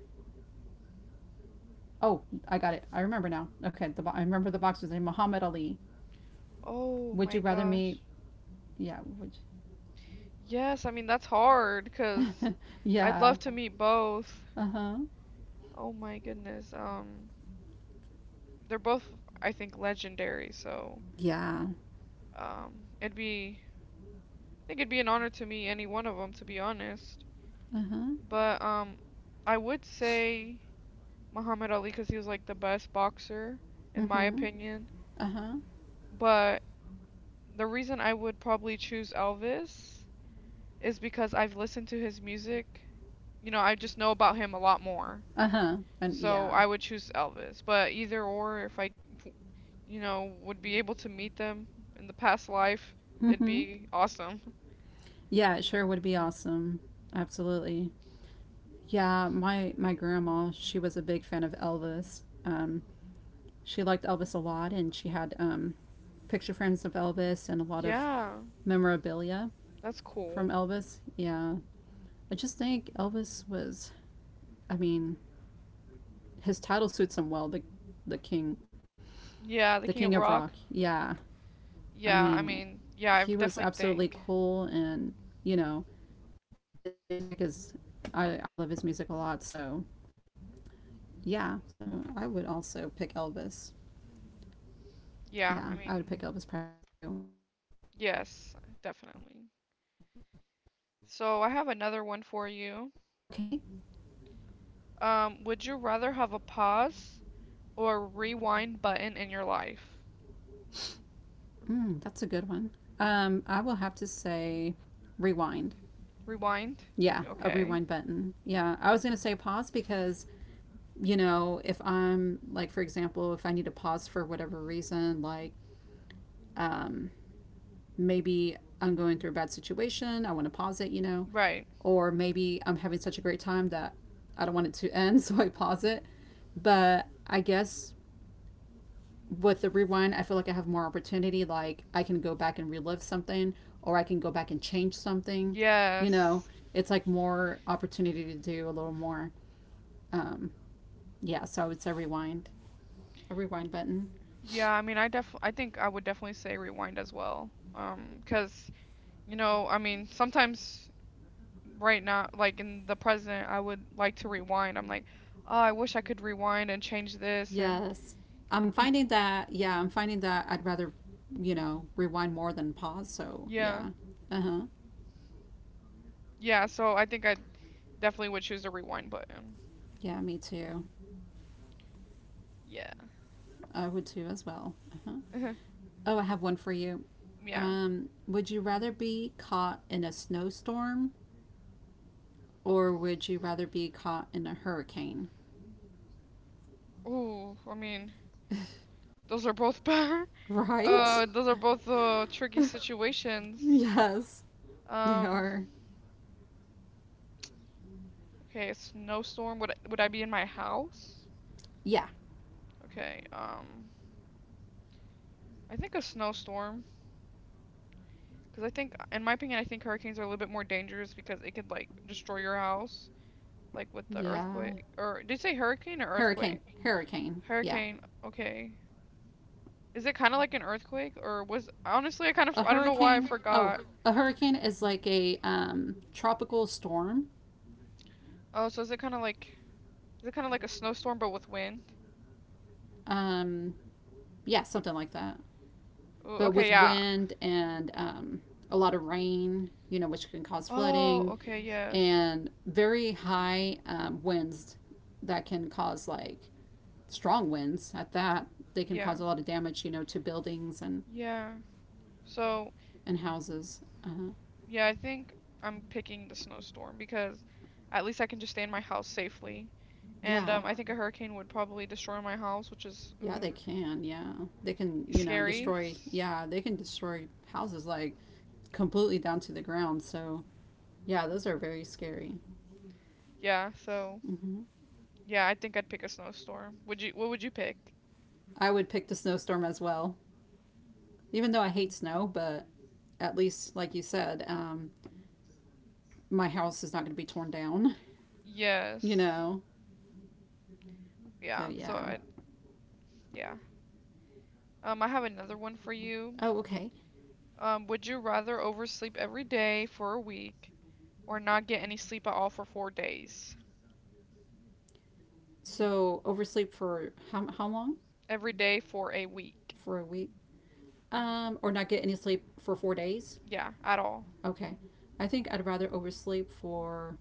[SPEAKER 1] Oh, I got it. I remember now. Okay, the I remember the boxer's name, Muhammad Ali.
[SPEAKER 2] Oh
[SPEAKER 1] Would you
[SPEAKER 2] my
[SPEAKER 1] rather meet?
[SPEAKER 2] gosh.
[SPEAKER 1] Yeah. Would.
[SPEAKER 2] Yes, I mean that's hard
[SPEAKER 1] You...
[SPEAKER 2] because
[SPEAKER 1] (laughs)
[SPEAKER 2] I'd
[SPEAKER 1] yeah.
[SPEAKER 2] love to meet both.
[SPEAKER 1] Uh huh.
[SPEAKER 2] Oh my goodness. They're both I think legendary, so.
[SPEAKER 1] Yeah.
[SPEAKER 2] It'd be, I think it'd be an honor to meet any one of them, to be honest.
[SPEAKER 1] Uh huh.
[SPEAKER 2] But I would say Muhammad Ali because he was like the best boxer,
[SPEAKER 1] Uh
[SPEAKER 2] in my
[SPEAKER 1] huh.
[SPEAKER 2] opinion.
[SPEAKER 1] Uh huh.
[SPEAKER 2] But the reason I would probably choose Elvis is because I've listened to his music. You know, I just know about him a lot more.
[SPEAKER 1] Uh huh. And
[SPEAKER 2] So
[SPEAKER 1] yeah.
[SPEAKER 2] I would choose Elvis. But either or, if I, you know, would be able to meet them in the past life,
[SPEAKER 1] Mm
[SPEAKER 2] it'd
[SPEAKER 1] hmm.
[SPEAKER 2] be awesome. (laughs)
[SPEAKER 1] Yeah, it sure would be awesome. Absolutely. Yeah, my grandma, she was a big fan of Elvis. She liked Elvis a lot, and she had picture frames of Elvis and a lot of
[SPEAKER 2] Yeah,
[SPEAKER 1] memorabilia
[SPEAKER 2] that's
[SPEAKER 1] from
[SPEAKER 2] cool.
[SPEAKER 1] Elvis. Yeah, I just think Elvis was. I mean, his title suits him well. The king, the
[SPEAKER 2] Yeah, the
[SPEAKER 1] king of
[SPEAKER 2] King of
[SPEAKER 1] rock.
[SPEAKER 2] Rock.
[SPEAKER 1] Yeah, I
[SPEAKER 2] Yeah, I
[SPEAKER 1] mean,
[SPEAKER 2] mean, yeah, I
[SPEAKER 1] he was
[SPEAKER 2] definitely
[SPEAKER 1] absolutely
[SPEAKER 2] think.
[SPEAKER 1] cool, and you know, his music is. I love his music a lot. So yeah, so I would also pick Elvis.
[SPEAKER 2] Yeah,
[SPEAKER 1] Yeah,
[SPEAKER 2] I
[SPEAKER 1] I would
[SPEAKER 2] mean,
[SPEAKER 1] pick Elvis Presley too.
[SPEAKER 2] yes, definitely. So I have another
[SPEAKER 1] Uh-huh.
[SPEAKER 2] one for you.
[SPEAKER 1] Okay,
[SPEAKER 2] Would you rather have a pause or rewind button in your life?
[SPEAKER 1] mm, that's a good one. I will have to say rewind.
[SPEAKER 2] Rewind?
[SPEAKER 1] Yeah, a
[SPEAKER 2] Okay.
[SPEAKER 1] rewind button. Yeah, I was going to say pause because, you know, if I'm, like, for example, if I need to pause for whatever reason, like um, maybe I'm going through a bad situation, I want to pause it, you know,
[SPEAKER 2] Right.
[SPEAKER 1] or maybe I'm having such a great time that I don't want it to end, (laughs) so I pause it. But I guess with the rewind, I feel like I have more opportunity. Like I can go back and relive something, or I can go back and change something. You know,
[SPEAKER 2] Yes.
[SPEAKER 1] it's like more opportunity to do a little more. Um, yeah, so I would say rewind, a rewind button.
[SPEAKER 2] Yeah, I mean, I def I think I would definitely say rewind as well. 'Cause you know, I mean, sometimes right now, like in the present, I would like to rewind. I'm like, oh, I wish I could rewind and change this and
[SPEAKER 1] Yes, I'm
[SPEAKER 2] y-
[SPEAKER 1] finding that. Yeah, I'm finding that I'd rather, you know, rewind more than pause. So
[SPEAKER 2] yeah,
[SPEAKER 1] yeah, uh huh.
[SPEAKER 2] yeah. So I think I definitely would choose the rewind button.
[SPEAKER 1] Yeah, me too.
[SPEAKER 2] Yeah,
[SPEAKER 1] I would too as well. Uh huh.
[SPEAKER 2] (laughs)
[SPEAKER 1] Oh, I have one for you.
[SPEAKER 2] yeah.
[SPEAKER 1] Would you rather be caught in a snowstorm or would you rather be caught in a hurricane?
[SPEAKER 2] Ooh, I mean, those are both bad. (laughs)
[SPEAKER 1] Right?
[SPEAKER 2] Those are both tricky
[SPEAKER 1] (laughs)
[SPEAKER 2] situations.
[SPEAKER 1] yes, they
[SPEAKER 2] Um,
[SPEAKER 1] are.
[SPEAKER 2] okay, a snowstorm. Would would I be in my house?
[SPEAKER 1] Yeah.
[SPEAKER 2] Okay. I think a snowstorm. Because I think, in my opinion, I think hurricanes are a little bit more dangerous because it could like destroy your house. Like with the
[SPEAKER 1] Yeah.
[SPEAKER 2] earthquake or did you say hurricane or
[SPEAKER 1] Hurricane.
[SPEAKER 2] earthquake?
[SPEAKER 1] Hurricane. Yeah.
[SPEAKER 2] Hurricane. Okay. Is it kind of like an earthquake or was honestly I kind of
[SPEAKER 1] A
[SPEAKER 2] I don't know why I
[SPEAKER 1] hurricane. Oh,
[SPEAKER 2] forgot.
[SPEAKER 1] a hurricane is like a tropical storm.
[SPEAKER 2] Oh, so is it kind of like a snowstorm but with wind?
[SPEAKER 1] Um, yeah, something like that.
[SPEAKER 2] Ooh,
[SPEAKER 1] But
[SPEAKER 2] okay,
[SPEAKER 1] with
[SPEAKER 2] yeah.
[SPEAKER 1] wind and a lot of rain, you know, which can cause
[SPEAKER 2] Oh,
[SPEAKER 1] flooding
[SPEAKER 2] okay, yes.
[SPEAKER 1] and very high winds that can cause like strong winds at that. They can cause
[SPEAKER 2] Yeah.
[SPEAKER 1] a lot of damage, you know, to buildings
[SPEAKER 2] Yeah. So,
[SPEAKER 1] and houses.
[SPEAKER 2] yeah, I think I'm picking the snowstorm because at least I can just stay in my house safely. And
[SPEAKER 1] Yeah,
[SPEAKER 2] I think a hurricane would probably destroy my house, which is
[SPEAKER 1] yeah, they can. Yeah, they can, you know,
[SPEAKER 2] scary.
[SPEAKER 1] destroy. Yeah, they can destroy houses like completely down to the ground. So yeah, those are very scary.
[SPEAKER 2] Yeah, so yeah, I think I'd pick a snowstorm. Would you? What would you pick?
[SPEAKER 1] I would pick the snowstorm as well, even though I hate snow, but at least, like you said, my house is not going to be torn down, (laughs) you
[SPEAKER 2] Yes.
[SPEAKER 1] know? So,
[SPEAKER 2] Yeah. So
[SPEAKER 1] yeah.
[SPEAKER 2] I. Yeah. I have another one for you.
[SPEAKER 1] Oh, okay.
[SPEAKER 2] Would you rather oversleep every day for a week or not get any sleep at all for 4 days?
[SPEAKER 1] So, oversleep for how long?
[SPEAKER 2] Every day for a week.
[SPEAKER 1] For a week? Or not get any sleep for 4 days.
[SPEAKER 2] Yeah, at all.
[SPEAKER 1] Okay. I think I'd rather oversleep for,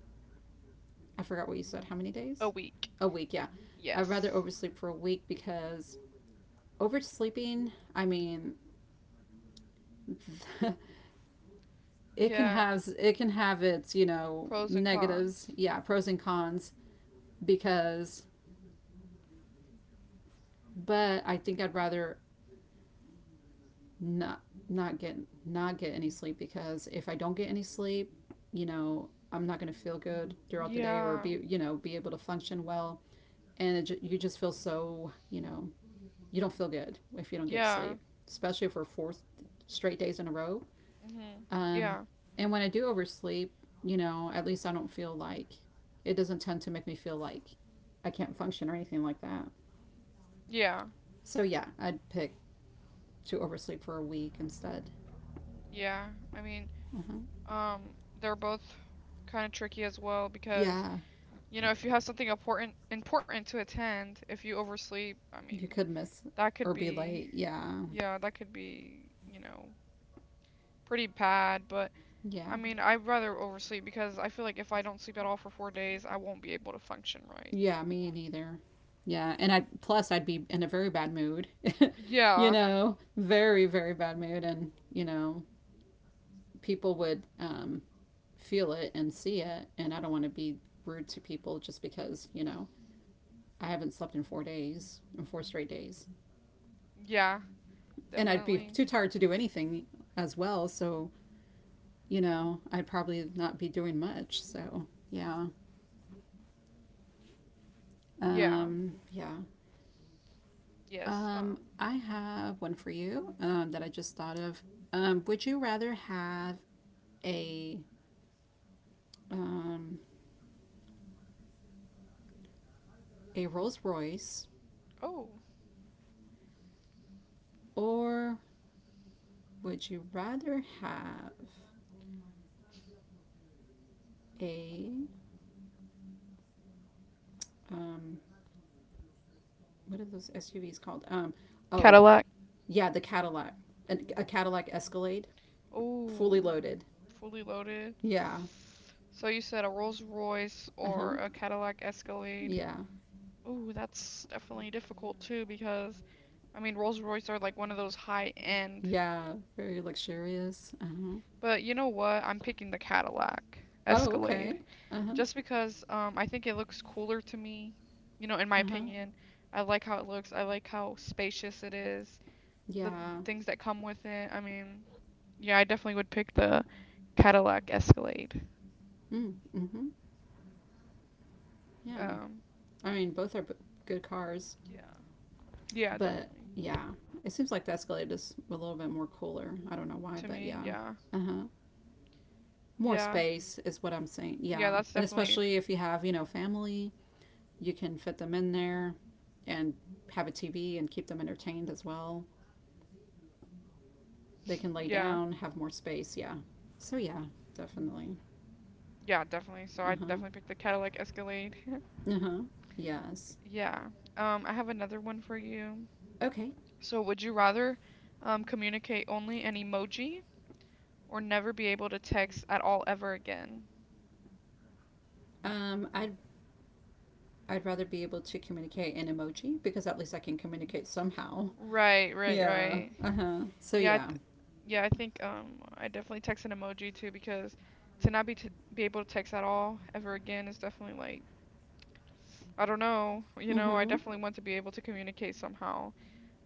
[SPEAKER 1] I forgot what you said, how many
[SPEAKER 2] A
[SPEAKER 1] days?
[SPEAKER 2] week.
[SPEAKER 1] A week, yeah. I'd rather
[SPEAKER 2] Yes.
[SPEAKER 1] oversleep for a week because oversleeping, I mean, (laughs)
[SPEAKER 2] Yeah.
[SPEAKER 1] it can have its, you know,
[SPEAKER 2] Pros and
[SPEAKER 1] negatives,
[SPEAKER 2] cons.
[SPEAKER 1] yeah, pros and cons because but I think I'd rather not not get not get any sleep because if I don't get any sleep, you know, I'm not going to feel good throughout the day or
[SPEAKER 2] Yeah.
[SPEAKER 1] be you know be able to function well, and you just feel so you know you don't feel good if you don't get
[SPEAKER 2] Yeah.
[SPEAKER 1] sleep, especially for four straight days in a row.
[SPEAKER 2] Mhm.
[SPEAKER 1] Um,
[SPEAKER 2] Yeah.
[SPEAKER 1] and when I do oversleep, you know, at least I don't feel like it doesn't tend to make me feel like I can't function or anything like that.
[SPEAKER 2] Yeah.
[SPEAKER 1] So yeah, I'd pick to oversleep for a week instead.
[SPEAKER 2] Yeah. I mean, they're both kind of tricky as well because
[SPEAKER 1] Yeah,
[SPEAKER 2] If you have something important to attend, if you oversleep, I
[SPEAKER 1] you
[SPEAKER 2] mean,
[SPEAKER 1] could miss
[SPEAKER 2] that could
[SPEAKER 1] or be
[SPEAKER 2] be
[SPEAKER 1] late. Yeah.
[SPEAKER 2] yeah, that could be, pretty bad, but I
[SPEAKER 1] Yeah.
[SPEAKER 2] mean, I'd rather oversleep because I feel like if I don't sleep at all for 4 days, I won't be able to function right.
[SPEAKER 1] Yeah, me neither. Yeah, and I plus I'd be in a very bad mood. (laughs) you
[SPEAKER 2] Yeah.
[SPEAKER 1] know, very bad mood and, you know, people would feel it and see it and I don't want to be rude to people just because, you know, I haven't slept in 4 days, in 4 straight days.
[SPEAKER 2] Yeah,
[SPEAKER 1] And I'd be
[SPEAKER 2] definitely.
[SPEAKER 1] too tired to do anything as well, so, you know, I'd probably not be doing much. So, yeah.
[SPEAKER 2] Yeah.
[SPEAKER 1] Yeah.
[SPEAKER 2] Yes.
[SPEAKER 1] I have one for you that I just thought of. Would you rather have a um, a Rolls Royce
[SPEAKER 2] Oh,
[SPEAKER 1] or would you rather have a um, what are those SUVs called? Oh
[SPEAKER 2] Cadillac.
[SPEAKER 1] yeah, the Cadillac, a Cadillac Escalade, fully
[SPEAKER 2] Oh,
[SPEAKER 1] loaded.
[SPEAKER 2] fully loaded.
[SPEAKER 1] Yeah.
[SPEAKER 2] So you said a Rolls Royce
[SPEAKER 1] Uh
[SPEAKER 2] or
[SPEAKER 1] huh.
[SPEAKER 2] a Cadillac Escalade.
[SPEAKER 1] Yeah.
[SPEAKER 2] Ooh, that's definitely difficult too because I mean, Rolls Royce are like one of those high end,
[SPEAKER 1] Yeah. Very luxurious. Uh huh.
[SPEAKER 2] but you know what? I'm picking the Cadillac
[SPEAKER 1] Oh
[SPEAKER 2] Escalade
[SPEAKER 1] okay. Uh huh.
[SPEAKER 2] just because I think it looks cooler to me, in my
[SPEAKER 1] Uh huh.
[SPEAKER 2] opinion. I like how it looks. I like how spacious it is. The
[SPEAKER 1] Yeah.
[SPEAKER 2] things that come with it. I mean, yeah, I definitely would pick the Cadillac Escalade.
[SPEAKER 1] Mm, mm-hmm. Yeah.
[SPEAKER 2] Um,
[SPEAKER 1] I mean, both are good cars,
[SPEAKER 2] yeah. Yeah,
[SPEAKER 1] but
[SPEAKER 2] definitely.
[SPEAKER 1] yeah, it seems like the Escalade is a little bit more cooler. I don't know why,
[SPEAKER 2] To
[SPEAKER 1] but
[SPEAKER 2] me,
[SPEAKER 1] yeah.
[SPEAKER 2] yeah.
[SPEAKER 1] Uh huh. More
[SPEAKER 2] Yeah.
[SPEAKER 1] space is what I'm saying.
[SPEAKER 2] Yeah,
[SPEAKER 1] Yeah.
[SPEAKER 2] that's
[SPEAKER 1] And
[SPEAKER 2] definitely,
[SPEAKER 1] especially if you have, you know, family, you can fit them in there and have a TV and keep them entertained as well. They can lay
[SPEAKER 2] yeah.
[SPEAKER 1] down, have more space. Yeah. So yeah, definitely.
[SPEAKER 2] Yeah, definitely. So I
[SPEAKER 1] Uh huh.
[SPEAKER 2] definitely picked the Cadillac Escalade. (laughs)
[SPEAKER 1] Uh huh. Yes.
[SPEAKER 2] Yeah. I have another one for you.
[SPEAKER 1] Okay.
[SPEAKER 2] So, would you rather communicate only in emoji or never be able to text at all ever again?
[SPEAKER 1] Um, I'd I'd rather be able to communicate in emoji because at least I can communicate somehow.
[SPEAKER 2] Right, right,
[SPEAKER 1] Yeah.
[SPEAKER 2] right.
[SPEAKER 1] Uh huh. So
[SPEAKER 2] Yeah, I
[SPEAKER 1] yeah.
[SPEAKER 2] th yeah, I think I definitely text an emoji too because to not be t be able to text at all ever again is definitely like I don't know,
[SPEAKER 1] Mm
[SPEAKER 2] I
[SPEAKER 1] hmm.
[SPEAKER 2] definitely want to be able to communicate somehow.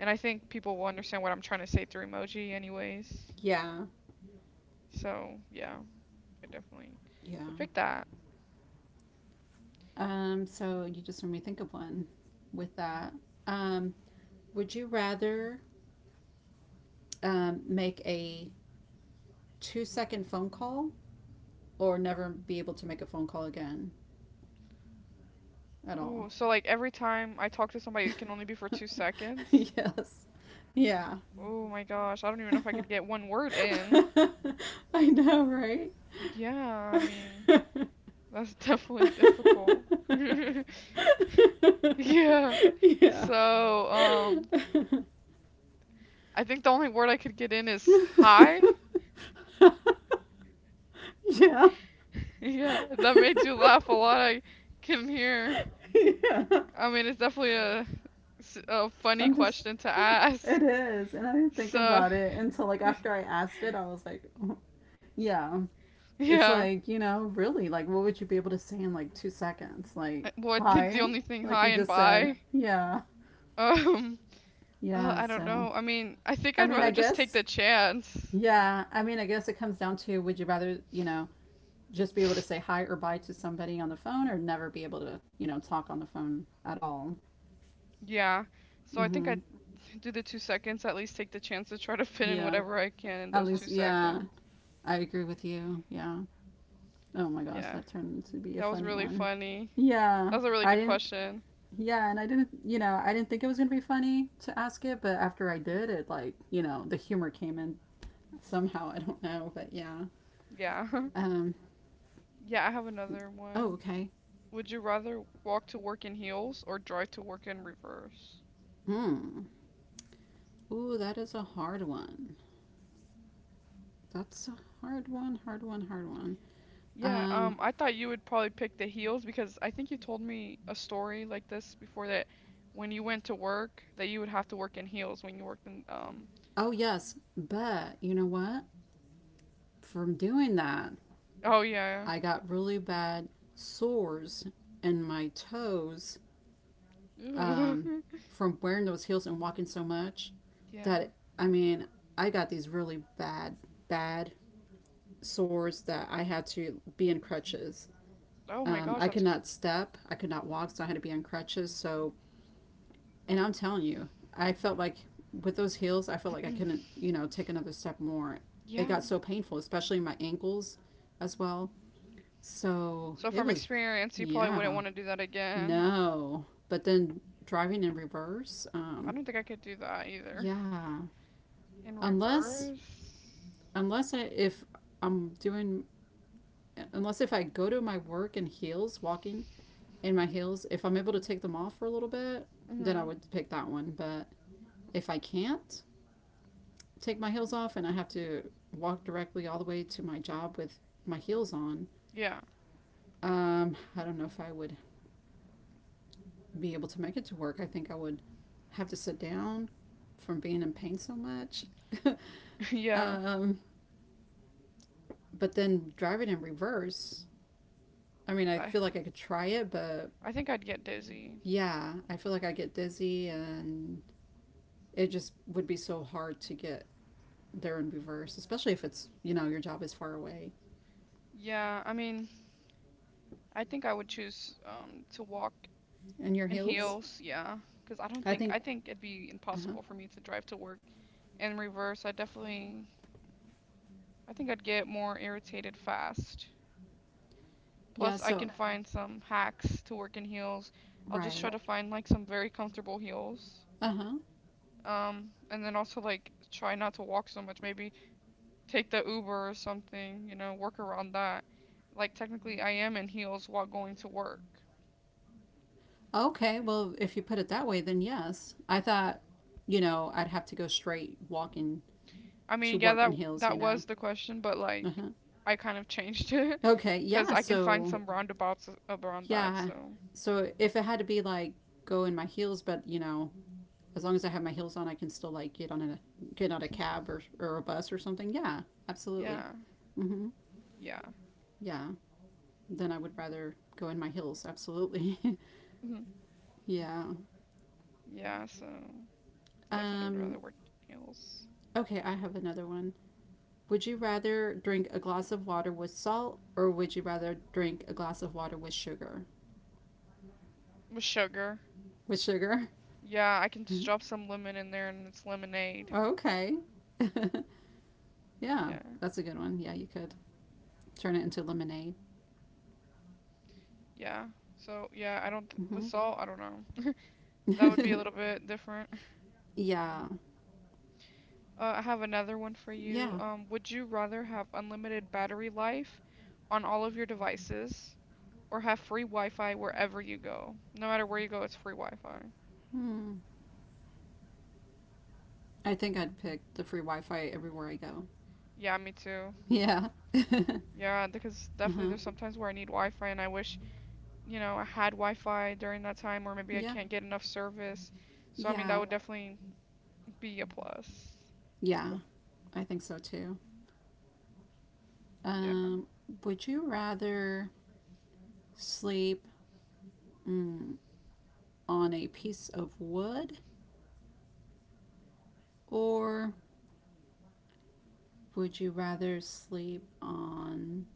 [SPEAKER 2] And I think people will understand what I'm trying to say through emoji anyways.
[SPEAKER 1] Yeah.
[SPEAKER 2] So, yeah, I definitely
[SPEAKER 1] Yeah.
[SPEAKER 2] would pick that.
[SPEAKER 1] Um, so you just made me think of one with that. Um, would you rather make a 2-second phone call or never be able to make a phone call again at all?
[SPEAKER 2] Oh, so like every time I talk to somebody, it can only be for two
[SPEAKER 1] (laughs)
[SPEAKER 2] seconds?
[SPEAKER 1] yes. Yeah.
[SPEAKER 2] Oh my gosh, I
[SPEAKER 1] (laughs) (laughs)
[SPEAKER 2] don't even know if I could get one word in.
[SPEAKER 1] I know, right?
[SPEAKER 2] Yeah, I mean, that's definitely difficult. (laughs) Yeah.
[SPEAKER 1] (laughs) yeah.
[SPEAKER 2] So, I think the only word I could get in is hi. (laughs)
[SPEAKER 1] (laughs) yeah. (laughs) yeah.
[SPEAKER 2] Yeah, that made you laugh a lot. I can hear. I mean, it's definitely a funny
[SPEAKER 1] I'm just.
[SPEAKER 2] question to ask.
[SPEAKER 1] It is. And I didn't think
[SPEAKER 2] So,
[SPEAKER 1] about it until, like,
[SPEAKER 2] (laughs)
[SPEAKER 1] after I asked it, I was like, (laughs) yeah. It's
[SPEAKER 2] yeah.
[SPEAKER 1] like, you know, really, like, what would you be able to say in like 2 seconds? Like,
[SPEAKER 2] Well, I think the
[SPEAKER 1] hi?
[SPEAKER 2] only thing,
[SPEAKER 1] Like
[SPEAKER 2] hi
[SPEAKER 1] you
[SPEAKER 2] and
[SPEAKER 1] just said,
[SPEAKER 2] bye.
[SPEAKER 1] yeah.
[SPEAKER 2] Um, Oh,
[SPEAKER 1] Yeah,
[SPEAKER 2] I don't
[SPEAKER 1] so.
[SPEAKER 2] know. I mean, I think
[SPEAKER 1] I
[SPEAKER 2] I'd
[SPEAKER 1] mean, I
[SPEAKER 2] rather just take
[SPEAKER 1] guess,
[SPEAKER 2] the chance.
[SPEAKER 1] yeah. I mean, I guess it comes down to would you rather, you know, just be able to say hi or bye to somebody on the phone or never be able to, you know, talk on the phone at all?
[SPEAKER 2] Yeah. So I
[SPEAKER 1] Mm
[SPEAKER 2] think
[SPEAKER 1] hmm.
[SPEAKER 2] I'd do the 2 seconds, at least take the chance to try to fit in
[SPEAKER 1] Yeah.
[SPEAKER 2] whatever I can in
[SPEAKER 1] At
[SPEAKER 2] those
[SPEAKER 1] least,
[SPEAKER 2] two
[SPEAKER 1] yeah.
[SPEAKER 2] seconds.
[SPEAKER 1] I agree with you. Yeah. Oh my gosh,
[SPEAKER 2] Yeah.
[SPEAKER 1] that turned to be a
[SPEAKER 2] That was
[SPEAKER 1] funny
[SPEAKER 2] really
[SPEAKER 1] one.
[SPEAKER 2] funny.
[SPEAKER 1] Yeah.
[SPEAKER 2] That was a really
[SPEAKER 1] I
[SPEAKER 2] good
[SPEAKER 1] didn't,
[SPEAKER 2] question.
[SPEAKER 1] yeah, and I didn't, you know, I didn't think it was going to be funny to ask it, but after I did, it like, you know, the humor came in somehow. I don't know, but yeah.
[SPEAKER 2] Yeah. (laughs)
[SPEAKER 1] Um,
[SPEAKER 2] Yeah, I have another
[SPEAKER 1] oh,
[SPEAKER 2] one.
[SPEAKER 1] okay.
[SPEAKER 2] Would you rather walk to work in heels or drive to work in reverse?
[SPEAKER 1] Hmm. Ooh, that is a hard one. That's a hard one, hard one, hard one.
[SPEAKER 2] Yeah,
[SPEAKER 1] Um,
[SPEAKER 2] I thought you would probably pick the heels because I think you told me a story like this before that when you went to work, that you would have to work in heels when you worked in.
[SPEAKER 1] oh, yes, but you know what? From doing that,
[SPEAKER 2] Oh yeah.
[SPEAKER 1] I got really bad sores in my toes
[SPEAKER 2] Ooh.
[SPEAKER 1] um,
[SPEAKER 2] (laughs)
[SPEAKER 1] from wearing those heels and walking so much
[SPEAKER 2] Yeah.
[SPEAKER 1] that I mean, I got these really bad, bad sores that I had to be in crutches.
[SPEAKER 2] Oh my gosh, that's
[SPEAKER 1] I could not walk, so I had to be on crutches. So, and I'm telling you, I felt like with those heels, I felt like I couldn't,
[SPEAKER 2] (clears throat)
[SPEAKER 1] you know, take another step more. It
[SPEAKER 2] yeah.
[SPEAKER 1] got so painful, especially my ankles as well. So
[SPEAKER 2] So
[SPEAKER 1] it
[SPEAKER 2] from
[SPEAKER 1] was,
[SPEAKER 2] experience, you probably wouldn't
[SPEAKER 1] yeah,
[SPEAKER 2] want to do that again.
[SPEAKER 1] no. But then driving in reverse,
[SPEAKER 2] I don't think I could do that either.
[SPEAKER 1] yeah.
[SPEAKER 2] In
[SPEAKER 1] Unless
[SPEAKER 2] reverse.
[SPEAKER 1] unless I'm doing unless if I go to my work in heels, walking in my heels, if I'm able to take them off for a little bit, then I
[SPEAKER 2] Mhm.
[SPEAKER 1] would pick that one. But if I can't take my heels off and I have to walk directly all the way to my job with my heels on,
[SPEAKER 2] Yeah.
[SPEAKER 1] I don't know if I would be able to make it to work. I think I would have to sit down from being in pain so much.
[SPEAKER 2] (laughs)
[SPEAKER 1] (laughs)
[SPEAKER 2] Yeah.
[SPEAKER 1] um, but then driving in reverse, I mean, I
[SPEAKER 2] I
[SPEAKER 1] feel like I could try it, but
[SPEAKER 2] I think I'd get dizzy.
[SPEAKER 1] yeah, I feel like I get dizzy and it just would be so hard to get there in reverse, especially if it's, you know, your job is far away
[SPEAKER 2] Yeah, I mean, I think I would choose to walk
[SPEAKER 1] and your
[SPEAKER 2] in, mhm,
[SPEAKER 1] heels.
[SPEAKER 2] heels, yeah. Because I don't
[SPEAKER 1] I
[SPEAKER 2] think, I, yeah,
[SPEAKER 1] think,
[SPEAKER 2] think it'd be
[SPEAKER 1] uh huh.
[SPEAKER 2] impossible for me to drive to work in reverse. I think I'd get more irritated fast.
[SPEAKER 1] Yeah,
[SPEAKER 2] Plus, I
[SPEAKER 1] so,
[SPEAKER 2] can find some hacks to work in heels. I'll just try
[SPEAKER 1] right.
[SPEAKER 2] to find like some very comfortable heels.
[SPEAKER 1] Uh huh.
[SPEAKER 2] And then also like try not to walk so much. Maybe take the Uber or something, work around that. Like technically I am in heels while going to work.
[SPEAKER 1] Okay, well, if you put it that way, then yes. I thought, you know, I'd have to go straight walking
[SPEAKER 2] I
[SPEAKER 1] to
[SPEAKER 2] mean, yeah,
[SPEAKER 1] work
[SPEAKER 2] that
[SPEAKER 1] in heels,
[SPEAKER 2] that
[SPEAKER 1] you know?
[SPEAKER 2] was the question, but like
[SPEAKER 1] Uh huh.
[SPEAKER 2] I kind of changed it
[SPEAKER 1] Okay,
[SPEAKER 2] (laughs) because
[SPEAKER 1] yeah,
[SPEAKER 2] I can find
[SPEAKER 1] so,
[SPEAKER 2] some roundabouts around that.
[SPEAKER 1] yeah.
[SPEAKER 2] So
[SPEAKER 1] So if it had to be like go in my heels, but, you know, as long as I have my heels on, I can still like get on a
[SPEAKER 2] (laughs)
[SPEAKER 1] cab or a bus or something. Yeah, absolutely.
[SPEAKER 2] yeah,
[SPEAKER 1] Hmm.
[SPEAKER 2] yeah,
[SPEAKER 1] Yeah. Then I would rather go in my heels. Absolutely. (laughs)
[SPEAKER 2] mhm,
[SPEAKER 1] yeah.
[SPEAKER 2] yeah. So definitely would rather
[SPEAKER 1] Um,
[SPEAKER 2] work in heels.
[SPEAKER 1] okay, I have another one. Would you rather drink a glass of water with salt, or would you rather drink a glass of water with sugar?
[SPEAKER 2] With sugar.
[SPEAKER 1] With sugar.
[SPEAKER 2] Yeah, I can just drop
[SPEAKER 1] (laughs)
[SPEAKER 2] some lemon in there and it's lemonade.
[SPEAKER 1] okay. (laughs) yeah,
[SPEAKER 2] Yeah,
[SPEAKER 1] that's a good one. Yeah, you could turn it into lemonade.
[SPEAKER 2] yeah. So yeah, I don't, with
[SPEAKER 1] Hmm.
[SPEAKER 2] salt. I don't know. That would be a little
[SPEAKER 1] (laughs)
[SPEAKER 2] bit different.
[SPEAKER 1] yeah.
[SPEAKER 2] I have another one for you.
[SPEAKER 1] Yeah.
[SPEAKER 2] Would you rather have unlimited battery life on all of your devices, or have free Wi-Fi wherever you go? No matter where you go, it's free Wi-Fi.
[SPEAKER 1] Hmm. I think I'd pick the free Wi-Fi everywhere I go.
[SPEAKER 2] Yeah, me too.
[SPEAKER 1] Yeah. (laughs) uh
[SPEAKER 2] Yeah, because definitely
[SPEAKER 1] huh.
[SPEAKER 2] there's sometimes where I need Wi-Fi and I wish, you know, I had Wi-Fi during that time or maybe I
[SPEAKER 1] Yeah.
[SPEAKER 2] can't get enough service. So I mean, that
[SPEAKER 1] Yeah.
[SPEAKER 2] would definitely be a plus.
[SPEAKER 1] Yeah. I think so too.
[SPEAKER 2] Yeah.
[SPEAKER 1] Um, would you rather sleep mm, on a piece of wood, or would you rather sleep on?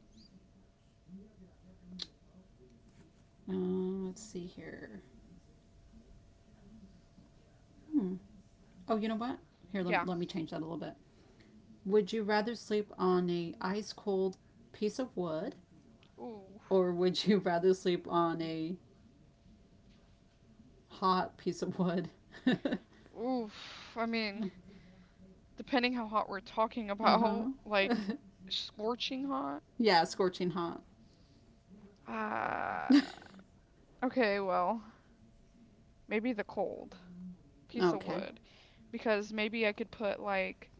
[SPEAKER 1] Uh, let's see here. Hmm. Oh, you know what? Here,
[SPEAKER 2] Yeah.
[SPEAKER 1] let me change that a little bit. Would you rather sleep on a ice cold piece of wood,
[SPEAKER 2] Ooh.
[SPEAKER 1] or would you (laughs) rather sleep on a hot piece of wood. (laughs) uh
[SPEAKER 2] Oof. I mean, depending how hot we're talking about,
[SPEAKER 1] huh.
[SPEAKER 2] like
[SPEAKER 1] (laughs)
[SPEAKER 2] scorching hot.
[SPEAKER 1] yeah, scorching hot.
[SPEAKER 2] Ah,
[SPEAKER 1] (laughs)
[SPEAKER 2] okay, well, maybe the cold piece of
[SPEAKER 1] okay.
[SPEAKER 2] wood. Because maybe I could put like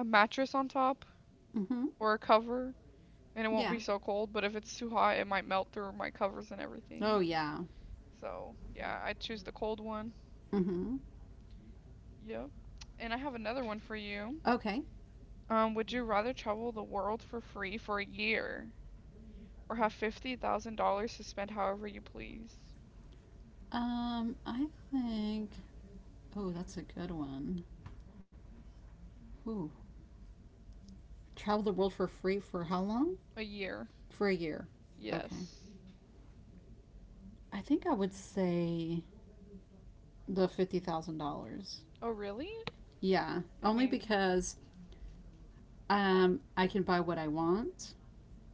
[SPEAKER 2] a mattress on top
[SPEAKER 1] Mm hmm.
[SPEAKER 2] or a cover, and it won't
[SPEAKER 1] Yeah.
[SPEAKER 2] be so cold. But if it's too hot, it might melt through my covers and everything.
[SPEAKER 1] Oh, yeah.
[SPEAKER 2] So yeah, I'd choose the cold one.
[SPEAKER 1] Mm hmm.
[SPEAKER 2] Yep. And I have another one for you.
[SPEAKER 1] Okay.
[SPEAKER 2] Would you rather travel the world for free for a year or have $50,000 to spend however you please?
[SPEAKER 1] I think. Oh, that's a good one. Ooh. Travel the world for free for how long?
[SPEAKER 2] A year.
[SPEAKER 1] For a year. Okay.
[SPEAKER 2] Yes.
[SPEAKER 1] I think I would say the $50,000.
[SPEAKER 2] Oh really?
[SPEAKER 1] Yeah.
[SPEAKER 2] I
[SPEAKER 1] Only
[SPEAKER 2] mean,
[SPEAKER 1] because I can buy what I want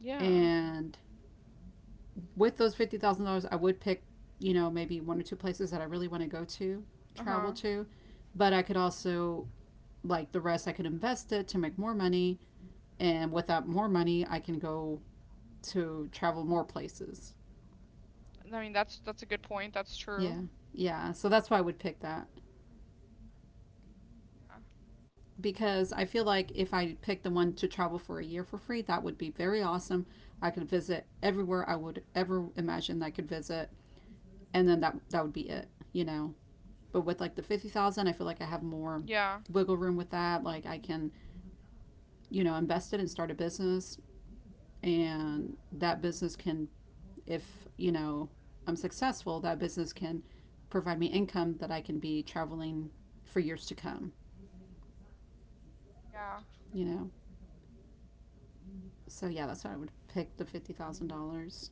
[SPEAKER 2] yeah.
[SPEAKER 1] and with those $50,000, I would pick, you know, maybe one or two places that I really want to go to,
[SPEAKER 2] Uh
[SPEAKER 1] travel
[SPEAKER 2] huh.
[SPEAKER 1] to, but I could also like the rest, I could invest it to make more money, and with that more money, I can go to travel more places.
[SPEAKER 2] I mean that's a good point. That's true.
[SPEAKER 1] Yeah, yeah. So that's why I would pick that because I feel like if I picked the one to travel for a year for free, that would be very awesome. I could visit everywhere I would ever imagine I could visit, and then that would be it. You know, but with like the 50,000, I feel like I have more
[SPEAKER 2] Yeah. Yeah.
[SPEAKER 1] wiggle room with that. Like I can, you know, invest it and start a business and that business can if, you know, I'm successful, that business can provide me income that I can be traveling for years to come,
[SPEAKER 2] Yeah.
[SPEAKER 1] you know. So yeah, that's why I would pick the $50,000.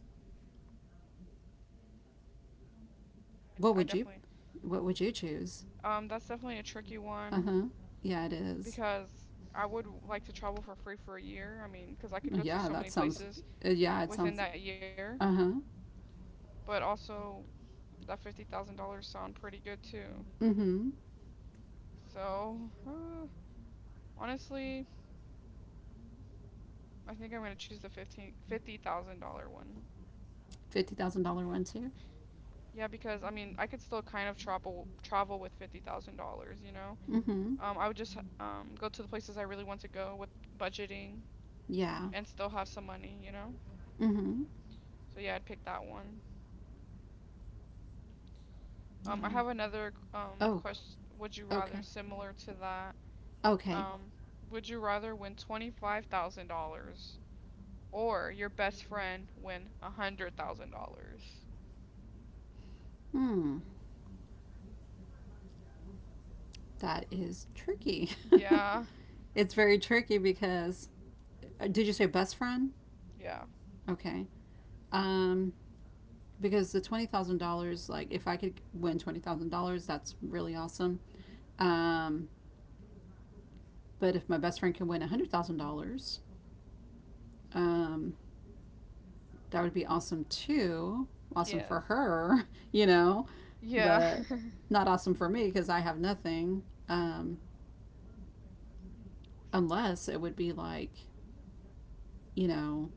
[SPEAKER 1] What
[SPEAKER 2] I
[SPEAKER 1] would you
[SPEAKER 2] definitely.
[SPEAKER 1] what would you choose?
[SPEAKER 2] That's definitely a tricky one.
[SPEAKER 1] Uh-huh. Yeah, it is.
[SPEAKER 2] Because I would like to travel for free for a year. I mean, because I could go to
[SPEAKER 1] Yeah,
[SPEAKER 2] so
[SPEAKER 1] that
[SPEAKER 2] many
[SPEAKER 1] sounds
[SPEAKER 2] places
[SPEAKER 1] yeah, it
[SPEAKER 2] within
[SPEAKER 1] sounds
[SPEAKER 2] that year,
[SPEAKER 1] uh-huh.
[SPEAKER 2] but also that $50,000 sound pretty good too.
[SPEAKER 1] Mhm.
[SPEAKER 2] So, uh, honestly, I think I'm gonna choose the $1,550 one.
[SPEAKER 1] $50,000 one too.
[SPEAKER 2] Yeah, because I mean, I could still kind of travel with $50,000, you know.
[SPEAKER 1] Mhm.
[SPEAKER 2] I would just go to the places I really want to go with budgeting,
[SPEAKER 1] Yeah.
[SPEAKER 2] and still have some money, you know.
[SPEAKER 1] Mm-hmm.
[SPEAKER 2] So yeah, I'd pick that one. I
[SPEAKER 1] Yeah.
[SPEAKER 2] have another
[SPEAKER 1] Oh,
[SPEAKER 2] question. Would you rather,
[SPEAKER 1] okay.
[SPEAKER 2] similar to that,
[SPEAKER 1] Okay.
[SPEAKER 2] Um, would you rather win $25,000 or your best friend win $100,000?
[SPEAKER 1] Hmm. That is tricky. (laughs)
[SPEAKER 2] Yeah,
[SPEAKER 1] it's very tricky because did you say best friend?
[SPEAKER 2] (laughs) yeah,
[SPEAKER 1] Okay. Um, because the $20,000, like if I could win $20,000, that's really awesome. Um, but if my best friend can win $100,000, um, that would be awesome too. Awesome
[SPEAKER 2] yes,
[SPEAKER 1] for her, (laughs) you know,
[SPEAKER 2] yeah,
[SPEAKER 1] but not awesome for me because I have nothing. Um, Unless it would be like, you know,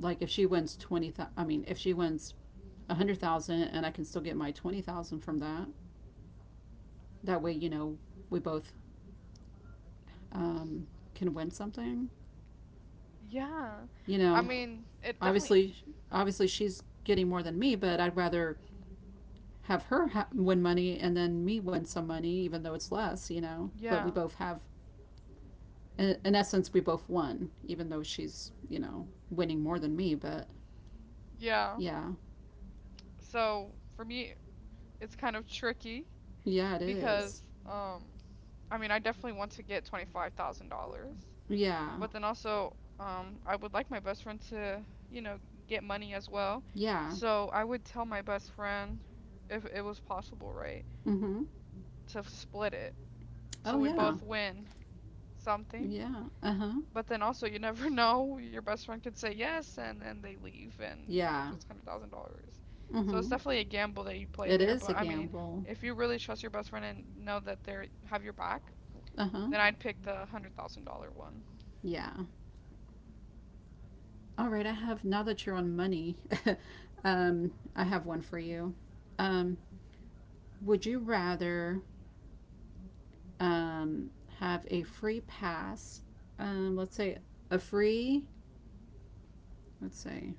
[SPEAKER 1] like if she wins 20,000, I mean, if she wins a 100,000 and I can still get my 20,000 from that, that way, we both um, can win something.
[SPEAKER 2] (laughs) yeah.
[SPEAKER 1] You
[SPEAKER 2] I
[SPEAKER 1] know,
[SPEAKER 2] mean, it definitely.
[SPEAKER 1] obviously, obviously she's getting more than me, but I'd rather have her win money and then me win some money, even though it's less. But we
[SPEAKER 2] Yeah,
[SPEAKER 1] both have, in essence, we both won, even though she's, winning more than me. But
[SPEAKER 2] yeah.
[SPEAKER 1] yeah,
[SPEAKER 2] So for me, it's kind of tricky
[SPEAKER 1] yeah, it
[SPEAKER 2] because
[SPEAKER 1] is.
[SPEAKER 2] um, I mean, I definitely want to get $25,000.
[SPEAKER 1] Yeah,
[SPEAKER 2] But then also, I would like my best friend to, get money as well.
[SPEAKER 1] yeah.
[SPEAKER 2] So I would tell my best friend, if it was possible, right,
[SPEAKER 1] Mm hmm.
[SPEAKER 2] to split it. So
[SPEAKER 1] Oh,
[SPEAKER 2] we
[SPEAKER 1] yeah.
[SPEAKER 2] both win something.
[SPEAKER 1] Yeah. Uh huh.
[SPEAKER 2] But then also, you (laughs) never know. Your best friend could say yes, and then they leave, and with
[SPEAKER 1] Yeah.
[SPEAKER 2] those $100,000.
[SPEAKER 1] Mm
[SPEAKER 2] So it's
[SPEAKER 1] hmm.
[SPEAKER 2] definitely a gamble that you play
[SPEAKER 1] It
[SPEAKER 2] there.
[SPEAKER 1] is a
[SPEAKER 2] But I mean,
[SPEAKER 1] gamble.
[SPEAKER 2] if you really trust your best friend and know that they are have your back,
[SPEAKER 1] Uh huh.
[SPEAKER 2] then I'd pick the $100,000 one.
[SPEAKER 1] Yeah. All right. I have, now that you're on money, (laughs) I have one for you. Um, would you rather um, have a free pass. Let's say a free, let's say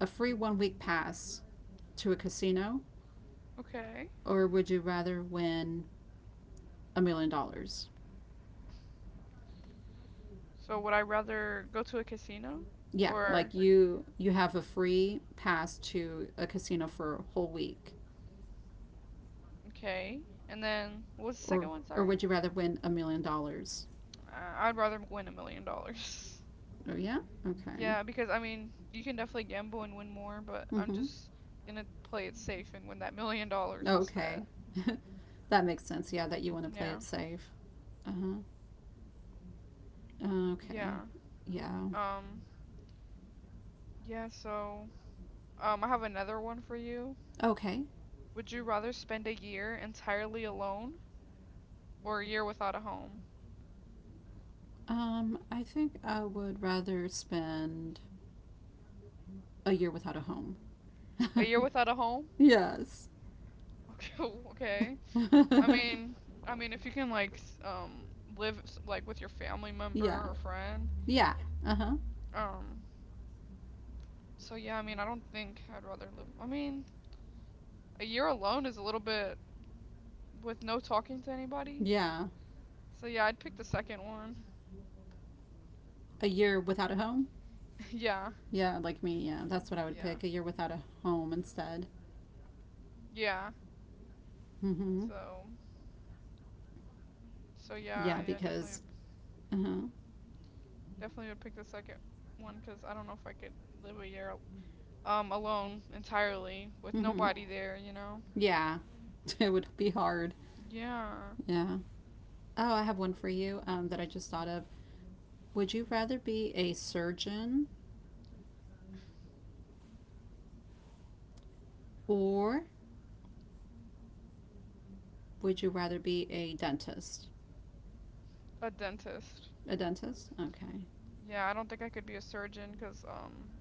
[SPEAKER 1] a free one week pass to a casino,
[SPEAKER 2] Okay.
[SPEAKER 1] or would you rather win $1 million?
[SPEAKER 2] So would I rather go to a casino, yeah,
[SPEAKER 1] Yeah,
[SPEAKER 2] or
[SPEAKER 1] like you have a free pass to a casino for a whole week,
[SPEAKER 2] okay? And then what was the second
[SPEAKER 1] or
[SPEAKER 2] one?
[SPEAKER 1] or
[SPEAKER 2] Sorry.
[SPEAKER 1] would you rather win $1 million?
[SPEAKER 2] I'd rather win $1 million. (laughs)
[SPEAKER 1] Oh yeah, okay,
[SPEAKER 2] Yeah, because I mean, you can definitely gamble and win more, but I'm
[SPEAKER 1] mm-hmm,
[SPEAKER 2] just gonna play it safe and win that $1 million
[SPEAKER 1] okay,
[SPEAKER 2] instead.
[SPEAKER 1] (laughs) that makes sense. Yeah, that you want to play
[SPEAKER 2] Yeah.
[SPEAKER 1] it safe. Uh huh. Okay.
[SPEAKER 2] Yeah.
[SPEAKER 1] Yeah.
[SPEAKER 2] Um, yeah, so I have another one for you.
[SPEAKER 1] Okay.
[SPEAKER 2] Would you rather spend a year entirely alone or a year without a home?
[SPEAKER 1] I think I would rather spend a year without a home.
[SPEAKER 2] A year without a home?
[SPEAKER 1] (laughs) Yes.
[SPEAKER 2] (laughs) Okay, Okay, I
[SPEAKER 1] (laughs)
[SPEAKER 2] mean, I mean, if you can like live like with your family member
[SPEAKER 1] Yeah.
[SPEAKER 2] or friend.
[SPEAKER 1] Yeah. Uh huh.
[SPEAKER 2] Um. So yeah, I mean, I don't think I'd rather live. I mean, a year alone is a little bit, with no talking to anybody.
[SPEAKER 1] Yeah.
[SPEAKER 2] So yeah, I'd pick the second one.
[SPEAKER 1] A year without a home?
[SPEAKER 2] (laughs) Yeah.
[SPEAKER 1] Yeah, like me. Yeah, that's what I would
[SPEAKER 2] Yeah.
[SPEAKER 1] pick. A year without a home instead.
[SPEAKER 2] Yeah.
[SPEAKER 1] Mm hmm.
[SPEAKER 2] So so yeah,
[SPEAKER 1] Yeah,
[SPEAKER 2] yeah, definitely
[SPEAKER 1] because.
[SPEAKER 2] would
[SPEAKER 1] Uh huh.
[SPEAKER 2] definitely would pick the second one because I don't know if I could live a year alone entirely with
[SPEAKER 1] Mm hmm.
[SPEAKER 2] nobody there.
[SPEAKER 1] Yeah. (laughs) It would be hard.
[SPEAKER 2] Yeah.
[SPEAKER 1] Yeah. Oh, I have one for you that I just thought of. Would you rather be a surgeon or would you rather be a dentist?
[SPEAKER 2] A dentist.
[SPEAKER 1] A dentist? Okay.
[SPEAKER 2] Yeah, I don't think I could be a surgeon because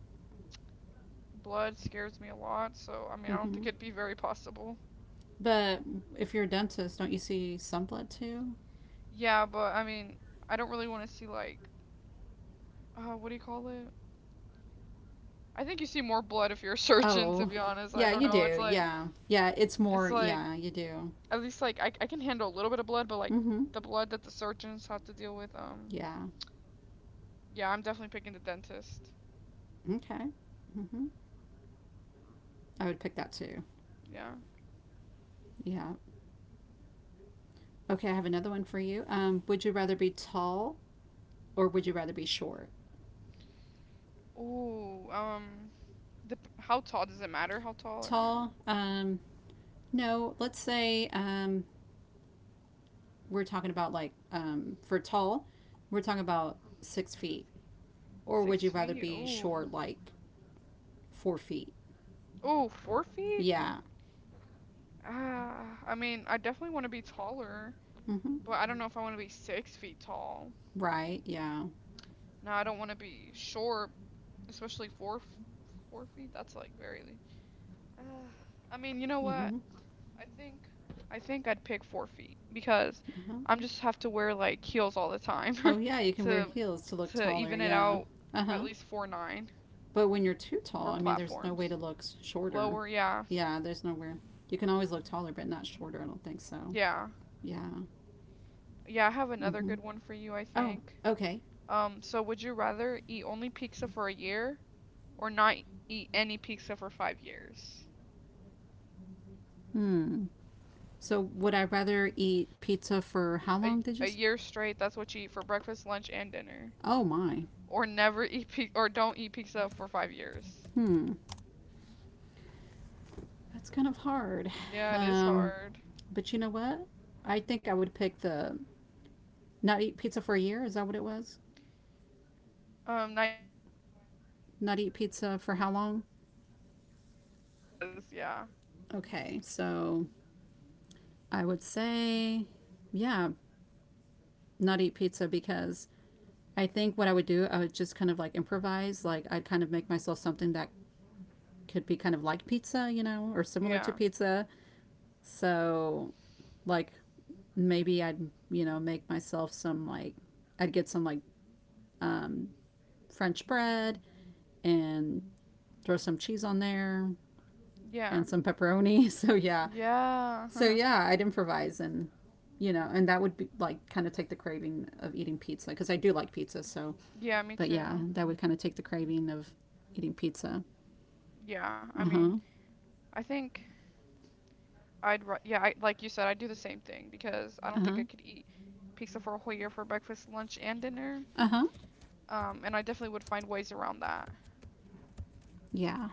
[SPEAKER 2] blood scares me a lot. So I mean, I don't think
[SPEAKER 1] Hmm.
[SPEAKER 2] it'd be very possible.
[SPEAKER 1] But if you're a dentist, don't you see some blood too?
[SPEAKER 2] Yeah, but I mean, I don't really want to see, like, what do you call it? I think you see more blood if you're a (laughs) surgeon, to
[SPEAKER 1] Oh,
[SPEAKER 2] be honest. I
[SPEAKER 1] yeah,
[SPEAKER 2] don't
[SPEAKER 1] you
[SPEAKER 2] know. It's
[SPEAKER 1] do.
[SPEAKER 2] like,
[SPEAKER 1] Yeah. Yeah, it's
[SPEAKER 2] it's
[SPEAKER 1] more.
[SPEAKER 2] like
[SPEAKER 1] Yeah, you do.
[SPEAKER 2] at least like I can handle a little bit of blood, but like,
[SPEAKER 1] Hmm.
[SPEAKER 2] the blood that the surgeons have to deal with.
[SPEAKER 1] Yeah.
[SPEAKER 2] Yeah, I'm definitely picking the dentist.
[SPEAKER 1] Okay. Hmm. I would pick that too.
[SPEAKER 2] Yeah.
[SPEAKER 1] Yeah. Okay, I have another one for you. Would you rather be tall or would you rather be short?
[SPEAKER 2] Ooh. The How tall does it matter? How tall or
[SPEAKER 1] Tall.
[SPEAKER 2] no?
[SPEAKER 1] No, let's say we're talking about like for tall, we're talking about 6 feet. Or would
[SPEAKER 2] Six
[SPEAKER 1] you rather
[SPEAKER 2] feet.
[SPEAKER 1] be
[SPEAKER 2] Ooh.
[SPEAKER 1] short, like 4 feet?
[SPEAKER 2] Ooh, 4 feet?
[SPEAKER 1] Yeah.
[SPEAKER 2] Ah, I mean, I definitely want to be taller,
[SPEAKER 1] Mm-hmm.
[SPEAKER 2] but I don't know if I want to be 6 feet tall.
[SPEAKER 1] Right. Yeah.
[SPEAKER 2] No, I don't want to be short, especially 4 feet. That's like very. Uh, I mean, you know what?
[SPEAKER 1] Mm-hmm.
[SPEAKER 2] I think, I think I'd pick 4 feet because
[SPEAKER 1] Uh-huh.
[SPEAKER 2] I'm just have to wear like heels all the time
[SPEAKER 1] Oh yeah, you
[SPEAKER 2] (laughs)
[SPEAKER 1] can wear
[SPEAKER 2] to
[SPEAKER 1] heels to look
[SPEAKER 2] to
[SPEAKER 1] taller.
[SPEAKER 2] even it
[SPEAKER 1] Yeah.
[SPEAKER 2] out.
[SPEAKER 1] Uh
[SPEAKER 2] At
[SPEAKER 1] huh.
[SPEAKER 2] least 4'9"
[SPEAKER 1] But when you're too tall,
[SPEAKER 2] or
[SPEAKER 1] I mean, there's no way
[SPEAKER 2] platforms
[SPEAKER 1] to look shorter.
[SPEAKER 2] lower. Yeah,
[SPEAKER 1] Yeah, there's nowhere. You can always look taller, but not shorter. I don't think so.
[SPEAKER 2] yeah,
[SPEAKER 1] Yeah.
[SPEAKER 2] yeah. I have another
[SPEAKER 1] Mm-hmm.
[SPEAKER 2] good one for you. I
[SPEAKER 1] Oh,
[SPEAKER 2] think.
[SPEAKER 1] okay.
[SPEAKER 2] So would you rather eat only pizza for a year or not eat any pizza for 5 years.
[SPEAKER 1] Hmm. So would I rather eat pizza for how long
[SPEAKER 2] A,
[SPEAKER 1] did you?
[SPEAKER 2] a
[SPEAKER 1] s-
[SPEAKER 2] year straight, that's what you eat for breakfast, lunch, and dinner.
[SPEAKER 1] Oh my.
[SPEAKER 2] Or never (laughs) eat pizza, or don't eat pizza for 5 years.
[SPEAKER 1] Hmm. That's kind of hard.
[SPEAKER 2] Yeah, it is
[SPEAKER 1] Um,
[SPEAKER 2] hard.
[SPEAKER 1] but you know what? I think I would pick the not eat pizza for a year. Is that what it was?
[SPEAKER 2] Not eat pizza for 5 years.
[SPEAKER 1] Not eat pizza for how long?
[SPEAKER 2] Cause yeah,
[SPEAKER 1] Okay, so I would say, yeah, not eat pizza because I think what I would do, I would just kind of like improvise. Like I'd kind of make myself something that could be kind of like pizza, you know, or similar to
[SPEAKER 2] yeah,
[SPEAKER 1] pizza. So, like maybe I'd make myself some like I'd get some like um, French bread and throw some cheese on there
[SPEAKER 2] yeah,
[SPEAKER 1] and some pepperoni. (laughs) So yeah,
[SPEAKER 2] yeah, (laughs)
[SPEAKER 1] I'd improvise and and that would be like kind of take the craving of eating pizza because I do like pizza. So
[SPEAKER 2] yeah. Me
[SPEAKER 1] but yeah,
[SPEAKER 2] too.
[SPEAKER 1] that would kind of take the craving of eating pizza.
[SPEAKER 2] Yeah, I
[SPEAKER 1] Uh
[SPEAKER 2] mean,
[SPEAKER 1] huh.
[SPEAKER 2] I think yeah, I, like you said, I'd do the same thing because I don't think
[SPEAKER 1] Uh
[SPEAKER 2] I
[SPEAKER 1] huh.
[SPEAKER 2] could eat pizza for a whole year for breakfast, lunch, and dinner.
[SPEAKER 1] Uh huh.
[SPEAKER 2] And I definitely would find ways around that.
[SPEAKER 1] Yeah.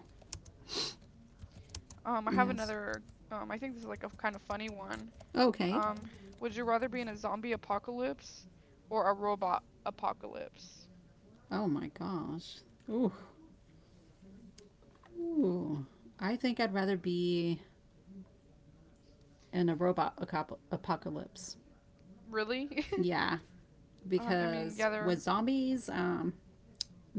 [SPEAKER 2] I have
[SPEAKER 1] Yes.
[SPEAKER 2] another. I think this is like a kind of funny one.
[SPEAKER 1] Okay.
[SPEAKER 2] Um, would you rather be in a zombie apocalypse or a robot apocalypse?
[SPEAKER 1] Oh my gosh. Ooh. Ooh. I think I'd rather be in a robot apocalypse.
[SPEAKER 2] Really? (laughs)
[SPEAKER 1] Yeah,
[SPEAKER 2] I mean,
[SPEAKER 1] because
[SPEAKER 2] yeah, they're
[SPEAKER 1] with zombies,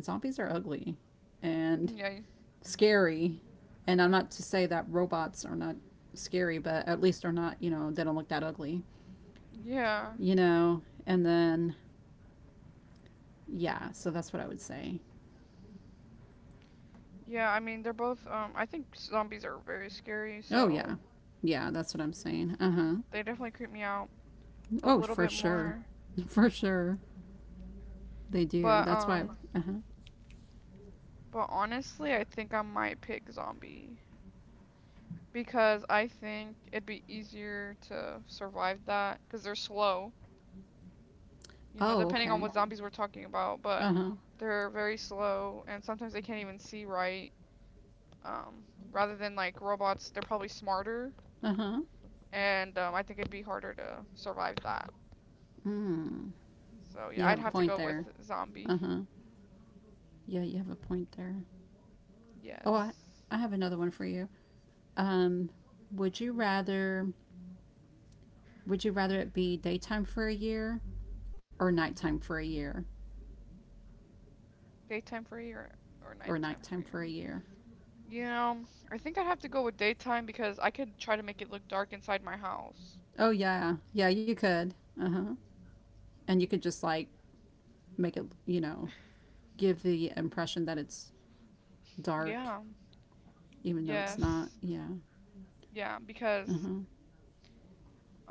[SPEAKER 1] zombies are ugly and
[SPEAKER 2] yeah,
[SPEAKER 1] scary. And I'm not to say that robots are not scary, but at least they are not, they don't look that ugly,
[SPEAKER 2] yeah,
[SPEAKER 1] you know? And then. Yeah, so that's what I would say.
[SPEAKER 2] yeah. I mean, they're both. I think zombies are very scary,
[SPEAKER 1] Oh,
[SPEAKER 2] so
[SPEAKER 1] yeah. Yeah, that's what I'm saying. Uh huh.
[SPEAKER 2] they definitely creep me out a
[SPEAKER 1] Oh,
[SPEAKER 2] little
[SPEAKER 1] for
[SPEAKER 2] bit
[SPEAKER 1] sure.
[SPEAKER 2] more.
[SPEAKER 1] (laughs) For sure. They do.
[SPEAKER 2] But
[SPEAKER 1] That's why.
[SPEAKER 2] um,
[SPEAKER 1] Uh huh.
[SPEAKER 2] but honestly, I think I might pick zombie because I think it'd be easier to survive that because they're slow. You know,
[SPEAKER 1] Oh,
[SPEAKER 2] depending on
[SPEAKER 1] okay.
[SPEAKER 2] what zombies we're talking about, but
[SPEAKER 1] Uh huh.
[SPEAKER 2] they're very slow and sometimes they can't even see right. Um, Rather than like robots, they're probably smarter,
[SPEAKER 1] Uh huh.
[SPEAKER 2] and I think it'd be harder to survive that.
[SPEAKER 1] Mm.
[SPEAKER 2] So yeah,
[SPEAKER 1] You
[SPEAKER 2] I'd
[SPEAKER 1] have a
[SPEAKER 2] have to
[SPEAKER 1] point
[SPEAKER 2] go with
[SPEAKER 1] there. Uh
[SPEAKER 2] zombie.
[SPEAKER 1] huh. Yeah, you have a point there. Oh, I,
[SPEAKER 2] Yes,
[SPEAKER 1] I have another one for you. Um, would you rather it be daytime for a year or nighttime for a year
[SPEAKER 2] daytime free or
[SPEAKER 1] or
[SPEAKER 2] nighttime
[SPEAKER 1] nighttime
[SPEAKER 2] free.
[SPEAKER 1] for a year?
[SPEAKER 2] You know, I think I'd have to go with daytime because I could try to make it look dark inside my house.
[SPEAKER 1] Oh yeah, yeah, you could. Uh huh. And you could just like make it, give the impression that it's dark,
[SPEAKER 2] Yeah.
[SPEAKER 1] even though it's
[SPEAKER 2] Yes.
[SPEAKER 1] not. Yeah.
[SPEAKER 2] Yeah,
[SPEAKER 1] Uh
[SPEAKER 2] because
[SPEAKER 1] huh.
[SPEAKER 2] um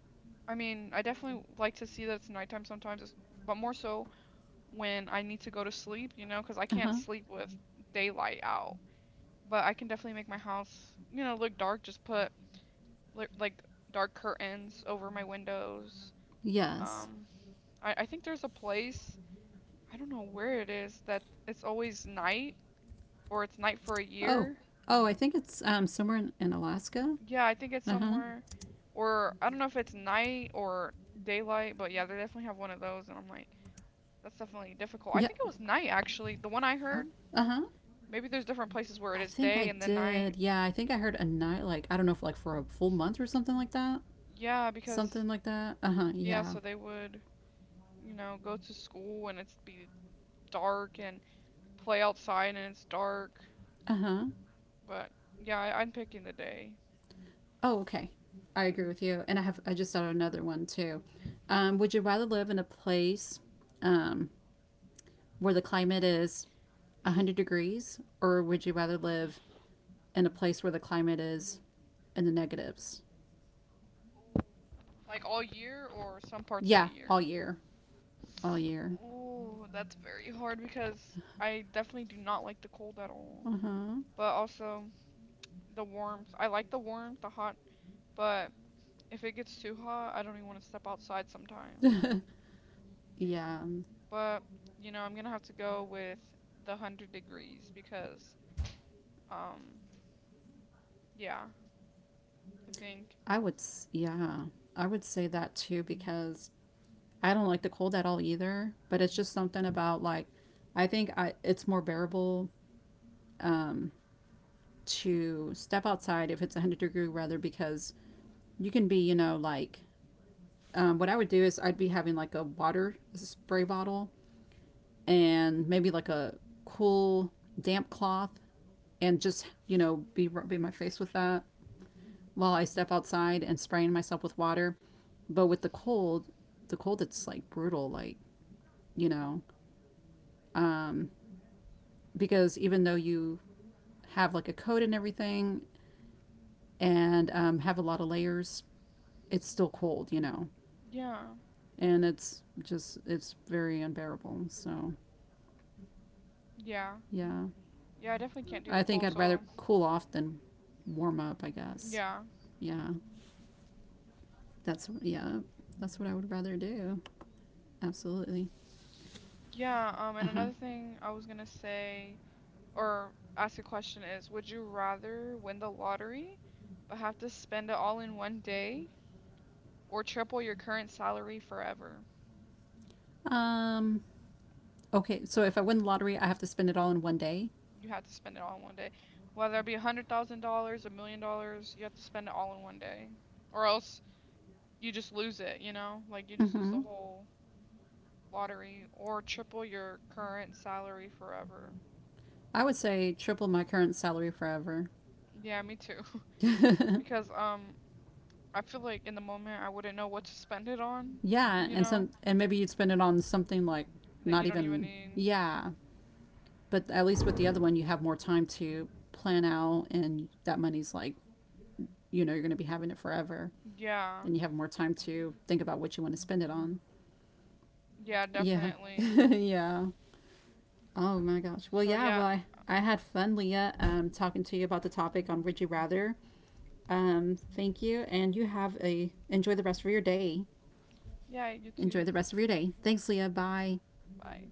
[SPEAKER 2] I mean, I definitely like to see that it's nighttime sometimes, but more so when I need to go to sleep, you know, because I can't
[SPEAKER 1] Uh huh.
[SPEAKER 2] sleep with daylight out. But I can definitely make my house, you know, look dark. Just put like dark curtains over my windows. Mm.
[SPEAKER 1] Yes.
[SPEAKER 2] I think there's a place, I don't know where it is, that it's always night or it's night for a
[SPEAKER 1] Oh.
[SPEAKER 2] year.
[SPEAKER 1] Oh, I think it's somewhere in Alaska.
[SPEAKER 2] Yeah, I think it's
[SPEAKER 1] Uh huh.
[SPEAKER 2] somewhere, or I don't know if it's night or daylight, but yeah, they definitely have one of those, and I'm like, that's definitely difficult. I
[SPEAKER 1] Yeah.
[SPEAKER 2] think it was night actually. The one I
[SPEAKER 1] Oh.
[SPEAKER 2] heard.
[SPEAKER 1] Uh huh.
[SPEAKER 2] Maybe there's different places where it
[SPEAKER 1] I
[SPEAKER 2] is
[SPEAKER 1] think I
[SPEAKER 2] day and then night.
[SPEAKER 1] did. Yeah, I think I heard a night like I don't know if like for a full month or something like that.
[SPEAKER 2] Yeah, because
[SPEAKER 1] Something like that. Uh huh.
[SPEAKER 2] yeah,
[SPEAKER 1] Yeah.
[SPEAKER 2] so they would, you know, go to school and it's be dark and play outside and it's dark.
[SPEAKER 1] Uh huh.
[SPEAKER 2] But yeah, I'm picking the day.
[SPEAKER 1] Oh, okay. I agree with you. And I just thought of another one too. Would you rather live in a place um, where the climate is 100 degrees, or would you rather live in a place where the climate is in the negatives?
[SPEAKER 2] Like all year or some parts of the
[SPEAKER 1] Yeah, all
[SPEAKER 2] year.
[SPEAKER 1] year. All year.
[SPEAKER 2] Ooh, that's very hard because I definitely do not like the cold at all.
[SPEAKER 1] Uh huh.
[SPEAKER 2] But also the warmth. I like the warmth, the hot, but if it gets too hot, I don't even want to step outside sometimes.
[SPEAKER 1] (laughs) Yeah.
[SPEAKER 2] But, you know, I'm gonna have to go with the 100 degrees because, um, yeah, I think,
[SPEAKER 1] I would, yeah. I would say that too because I don't like the cold at all either, but it's just something about like, it's more bearable um, to step outside if it's 100-degree rather because you can be, like, what I would do is I'd be having like a water spray bottle and maybe like a cool damp cloth and just be rubbing my face with that while I step
[SPEAKER 2] um,
[SPEAKER 1] outside and spraying myself with water. But with the cold, it's like brutal, like you know, um, because even though you have like a coat and everything and have a lot of layers, it's still cold,
[SPEAKER 2] yeah,
[SPEAKER 1] and it's just it's very unbearable. So
[SPEAKER 2] yeah,
[SPEAKER 1] yeah,
[SPEAKER 2] yeah, I definitely can't do the
[SPEAKER 1] I think
[SPEAKER 2] cold,
[SPEAKER 1] I'd
[SPEAKER 2] so,
[SPEAKER 1] rather cool off than warm up. I guess
[SPEAKER 2] yeah,
[SPEAKER 1] yeah. That's yeah, that's what I would rather do. Absolutely.
[SPEAKER 2] yeah, and
[SPEAKER 1] Uh
[SPEAKER 2] another thing I was gonna say, or ask a question is, would you rather win the lottery but have to spend it all in one day or triple your current salary forever?
[SPEAKER 1] huh. Okay, so if I win the lottery, I have to spend it all in one day.
[SPEAKER 2] You have to spend it all in one day. Whether it be $100,000, $1 million, you have to spend it all in one day or else you just lose it, you know? Like you just lose the
[SPEAKER 1] Mm-hmm.
[SPEAKER 2] whole lottery or triple your current salary forever.
[SPEAKER 1] I would say triple my current salary forever.
[SPEAKER 2] Yeah, me too. (laughs) Because
[SPEAKER 1] (laughs)
[SPEAKER 2] I feel like in the moment I wouldn't know what to spend it on,
[SPEAKER 1] Yeah,
[SPEAKER 2] you know?
[SPEAKER 1] and maybe you'd spend it on something like
[SPEAKER 2] That
[SPEAKER 1] not
[SPEAKER 2] you don't even
[SPEAKER 1] even.
[SPEAKER 2] need.
[SPEAKER 1] Yeah, but at least with the other one, you have more time to plan out, and that money's like you're going to be having it forever,
[SPEAKER 2] Yeah.
[SPEAKER 1] and you have more time to think about what you want to spend it on.
[SPEAKER 2] Yeah,
[SPEAKER 1] Yeah, (laughs)
[SPEAKER 2] definitely.
[SPEAKER 1] yeah. Oh my gosh. Well,
[SPEAKER 2] So
[SPEAKER 1] yeah.
[SPEAKER 2] yeah.
[SPEAKER 1] Well, I,
[SPEAKER 2] (sighs)
[SPEAKER 1] I
[SPEAKER 2] Oh,
[SPEAKER 1] had fun, Leah, talking to you about the topic on Would You Rather. Thank you, and you have a enjoy the rest of your day.
[SPEAKER 2] yeah, YouTube.
[SPEAKER 1] Enjoy the rest of your day. Thanks, Leah. Bye.
[SPEAKER 2] Bye.